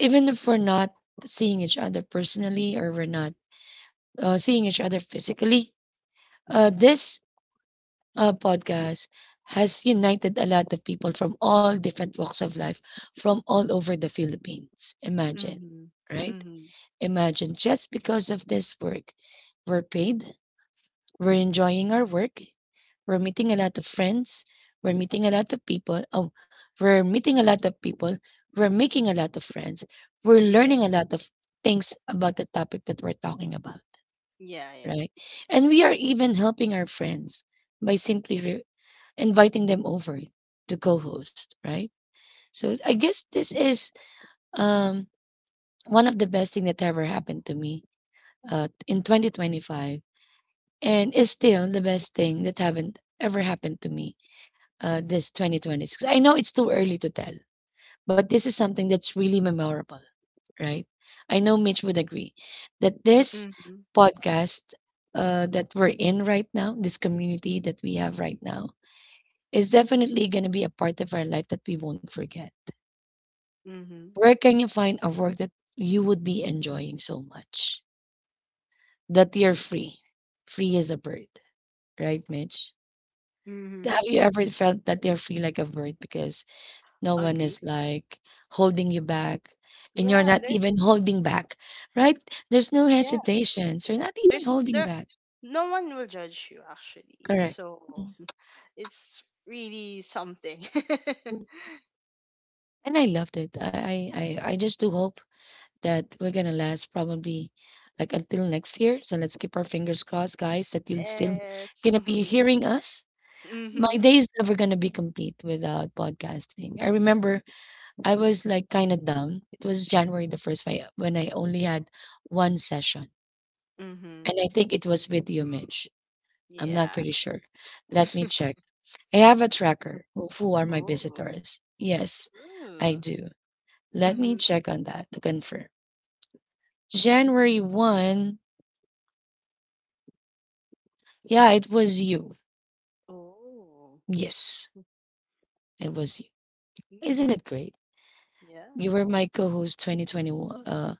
Speaker 1: even if we're not seeing each other personally, or we're not seeing each other physically, this podcast has united a lot of people from all different walks of life from all over the Philippines. Imagine,
Speaker 2: Mhm.
Speaker 1: right?
Speaker 2: Mhm.
Speaker 1: Imagine, just because of this work, we're paid, we're enjoying our work, we're meeting a lot of friends, we're meeting a lot of people. Oh, we're meeting a lot of people, we're making a lot of friends, we're
Speaker 2: Yeah.
Speaker 1: learning a lot of things about the topic that we're talking about,
Speaker 2: Yeah. Yeah.
Speaker 1: right? And we are even helping our friends by simply inviting them over to co-host, right? So I guess this is um one of the best thing that ever happened to me in 2025, and is still the best thing that haven't ever happened to me this 2026. I know it's too early to tell, but this is something that's really memorable, right? I know Mitch would agree that this
Speaker 2: Mhm.
Speaker 1: podcast, that we're in right now, this community that we have right now, is definitely going to be a part of our life that we won't forget.
Speaker 2: Mhm.
Speaker 1: Where can you find a work that you would be enjoying so much that you're free? Free as a bird, right, Mitch?
Speaker 2: Mhm.
Speaker 1: Have you ever felt that you're free like a bird because no one is
Speaker 2: Agree.
Speaker 1: like holding you back, and you're
Speaker 2: Yeah.
Speaker 1: not
Speaker 2: There.
Speaker 1: even holding back, right? There's no
Speaker 2: Yeah.
Speaker 1: hesitations. You're not even
Speaker 2: There's
Speaker 1: holding
Speaker 2: there.
Speaker 1: back.
Speaker 2: No one will judge you actually.
Speaker 1: Correct.
Speaker 2: So
Speaker 1: Mm.
Speaker 2: it's really something.
Speaker 1: And I loved it. I I just do hope that we're gonna last probably like until next year. So let's keep our fingers crossed, guys, that you'll still
Speaker 2: Yes.
Speaker 1: gonna be hearing us. My
Speaker 2: Mhm.
Speaker 1: day is never gonna be complete without podcasting. I remember I was like kind of down. It was January the first when I only had one session, and
Speaker 2: Mhm.
Speaker 1: I think it was with you, Mitch. I'm not
Speaker 2: Yeah.
Speaker 1: pretty sure. Let me check. I have a tracker of who are my
Speaker 2: Oh.
Speaker 1: visitors. Yes, I
Speaker 2: Ooh.
Speaker 1: do. Let me
Speaker 2: Mhm.
Speaker 1: check on that to confirm. January 1st. Yeah, it was you.
Speaker 2: Oh.
Speaker 1: Yes, it was you. Isn't
Speaker 2: Mhm.
Speaker 1: it great?
Speaker 2: Yeah.
Speaker 1: You were my co-host 2021,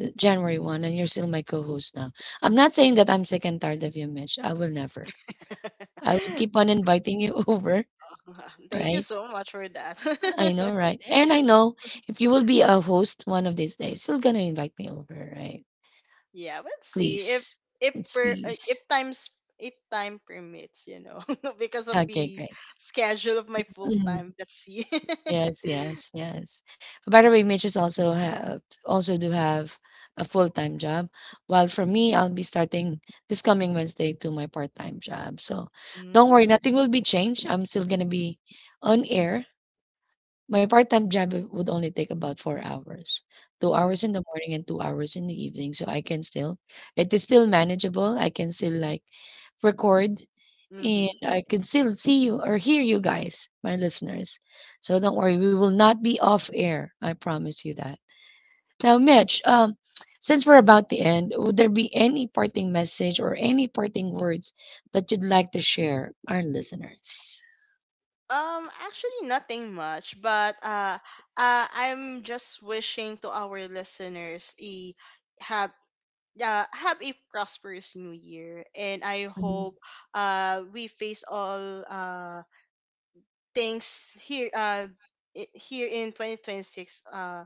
Speaker 1: the January 1st, and you're still my co-host now. I'm not saying that I'm sick and tired of you, Mitch. I will never. I would keep on inviting you over,
Speaker 2: Thank you
Speaker 1: right?
Speaker 2: so much for
Speaker 1: I
Speaker 2: that.
Speaker 1: know, right? And I know if you will be a host one of these days, you're gonna invite me over, right?
Speaker 2: Yeah, let's see
Speaker 1: Please.
Speaker 2: if
Speaker 1: It's
Speaker 2: per
Speaker 1: please.
Speaker 2: if times if time permits, you know, because of
Speaker 1: Okay,
Speaker 2: the
Speaker 1: great.
Speaker 2: schedule of my full
Speaker 1: Mm-hmm.
Speaker 2: time. Let's see.
Speaker 1: Yes, yes, yes. By the way, Mitches also have also do have a full-time job. While for me, I'll be starting this coming Wednesday to my part-time job. So don't worry,
Speaker 2: Mm.
Speaker 1: nothing will be changed. I'm still gonna be on air. My part-time job it would only take about 4 hours, 2 hours
Speaker 2: hmm
Speaker 1: in the morning and 2 hours in the evening. So I can still, it is still manageable. I can still like record and
Speaker 2: Mm-hmm.
Speaker 1: I can still see you or hear you guys, my listeners. So don't worry, we will not be off air. I promise you that. Now, Mitch, since we're about to end, would there be any parting message or any parting words that you'd like to share our listeners?
Speaker 2: Actually, nothing much, but I'm just wishing to our listeners a have yeah, have a prosperous new year. And I
Speaker 1: Mhm.
Speaker 2: hope we face all things here uh here in 2026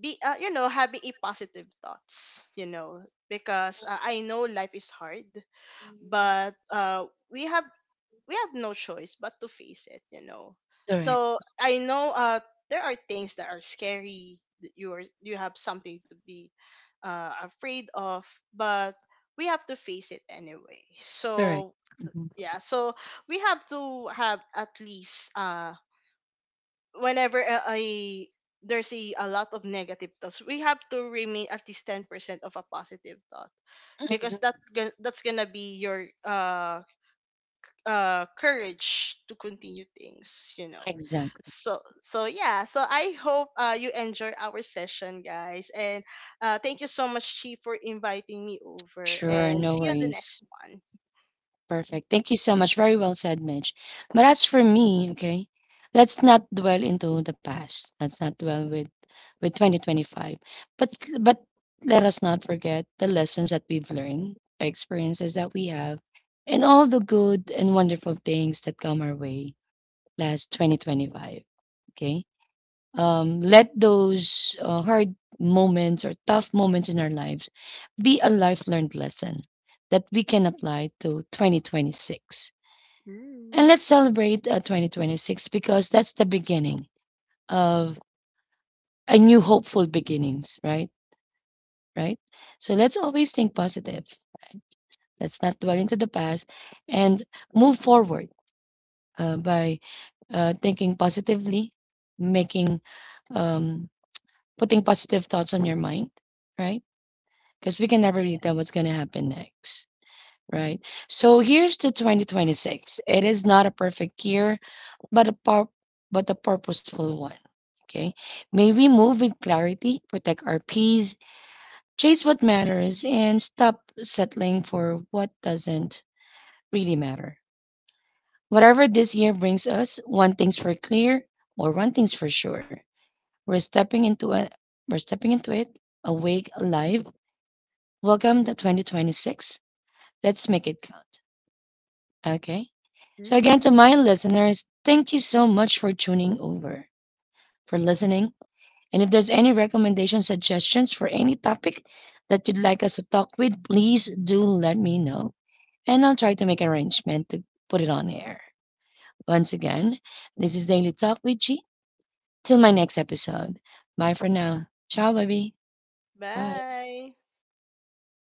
Speaker 2: be you know, having a positive thoughts, you know, because I know life is hard, but we have we have no choice but to face it, you know. So
Speaker 1: Correct.
Speaker 2: I know there are things that are scary, that you have something to be afraid of, but we have to face it anyway.
Speaker 1: Correct.
Speaker 2: So yeah, so we have to have at least whenever I there's a lot of negative thoughts, we have to remain at least 10% of a positive thought, because that's gonna be your courage to continue things, you know.
Speaker 1: Exactly.
Speaker 2: So so yeah, so I hope you enjoy our session, guys, and thank you so much, Chi, for inviting me over,
Speaker 1: Sure,
Speaker 2: and
Speaker 1: no
Speaker 2: see you on the
Speaker 1: worries.
Speaker 2: next one.
Speaker 1: Perfect. Thank you so much. Very well said, Mitch. But as for me, okay, let's not dwell into the past. Let's not dwell with 2025. But but let us not forget the lessons that we've learned, the experiences that we have, and all the good and wonderful things that come our way last 2025. Okay? Let those hard moments or tough moments in our lives be a life learned lesson that we can apply to 2026. And
Speaker 2: Mm.
Speaker 1: let's celebrate 2026, because that's the beginning of a new hopeful beginnings, right? Right? So let's always think positive, right? Let's not dwell into the past and move forward by thinking positively, making, um, putting positive thoughts on your mind, right? Because we can never
Speaker 2: Yeah.
Speaker 1: tell what's going to happen next, right? So here's the 2026. It is not a perfect year, but a pur- but a purposeful one. Okay, may we move with clarity, protect our peace, chase what matters, and stop settling for what doesn't really matter. Whatever this year brings us, one thing's for sure: we're stepping into a we're stepping into it awake, alive. Welcome to 2026. Let's make it count. Okay. So, again, to
Speaker 2: Mm.
Speaker 1: my listeners, thank you so much for tuning over, for listening. And if there's any recommendation, suggestions for any topic that you'd like us to talk with, please do let me know. And I'll try to make an arrangement to put it on air. Once again, this is Daily Talk with G. Till my next episode. Bye for now. Ciao, baby. Bye.
Speaker 2: Bye.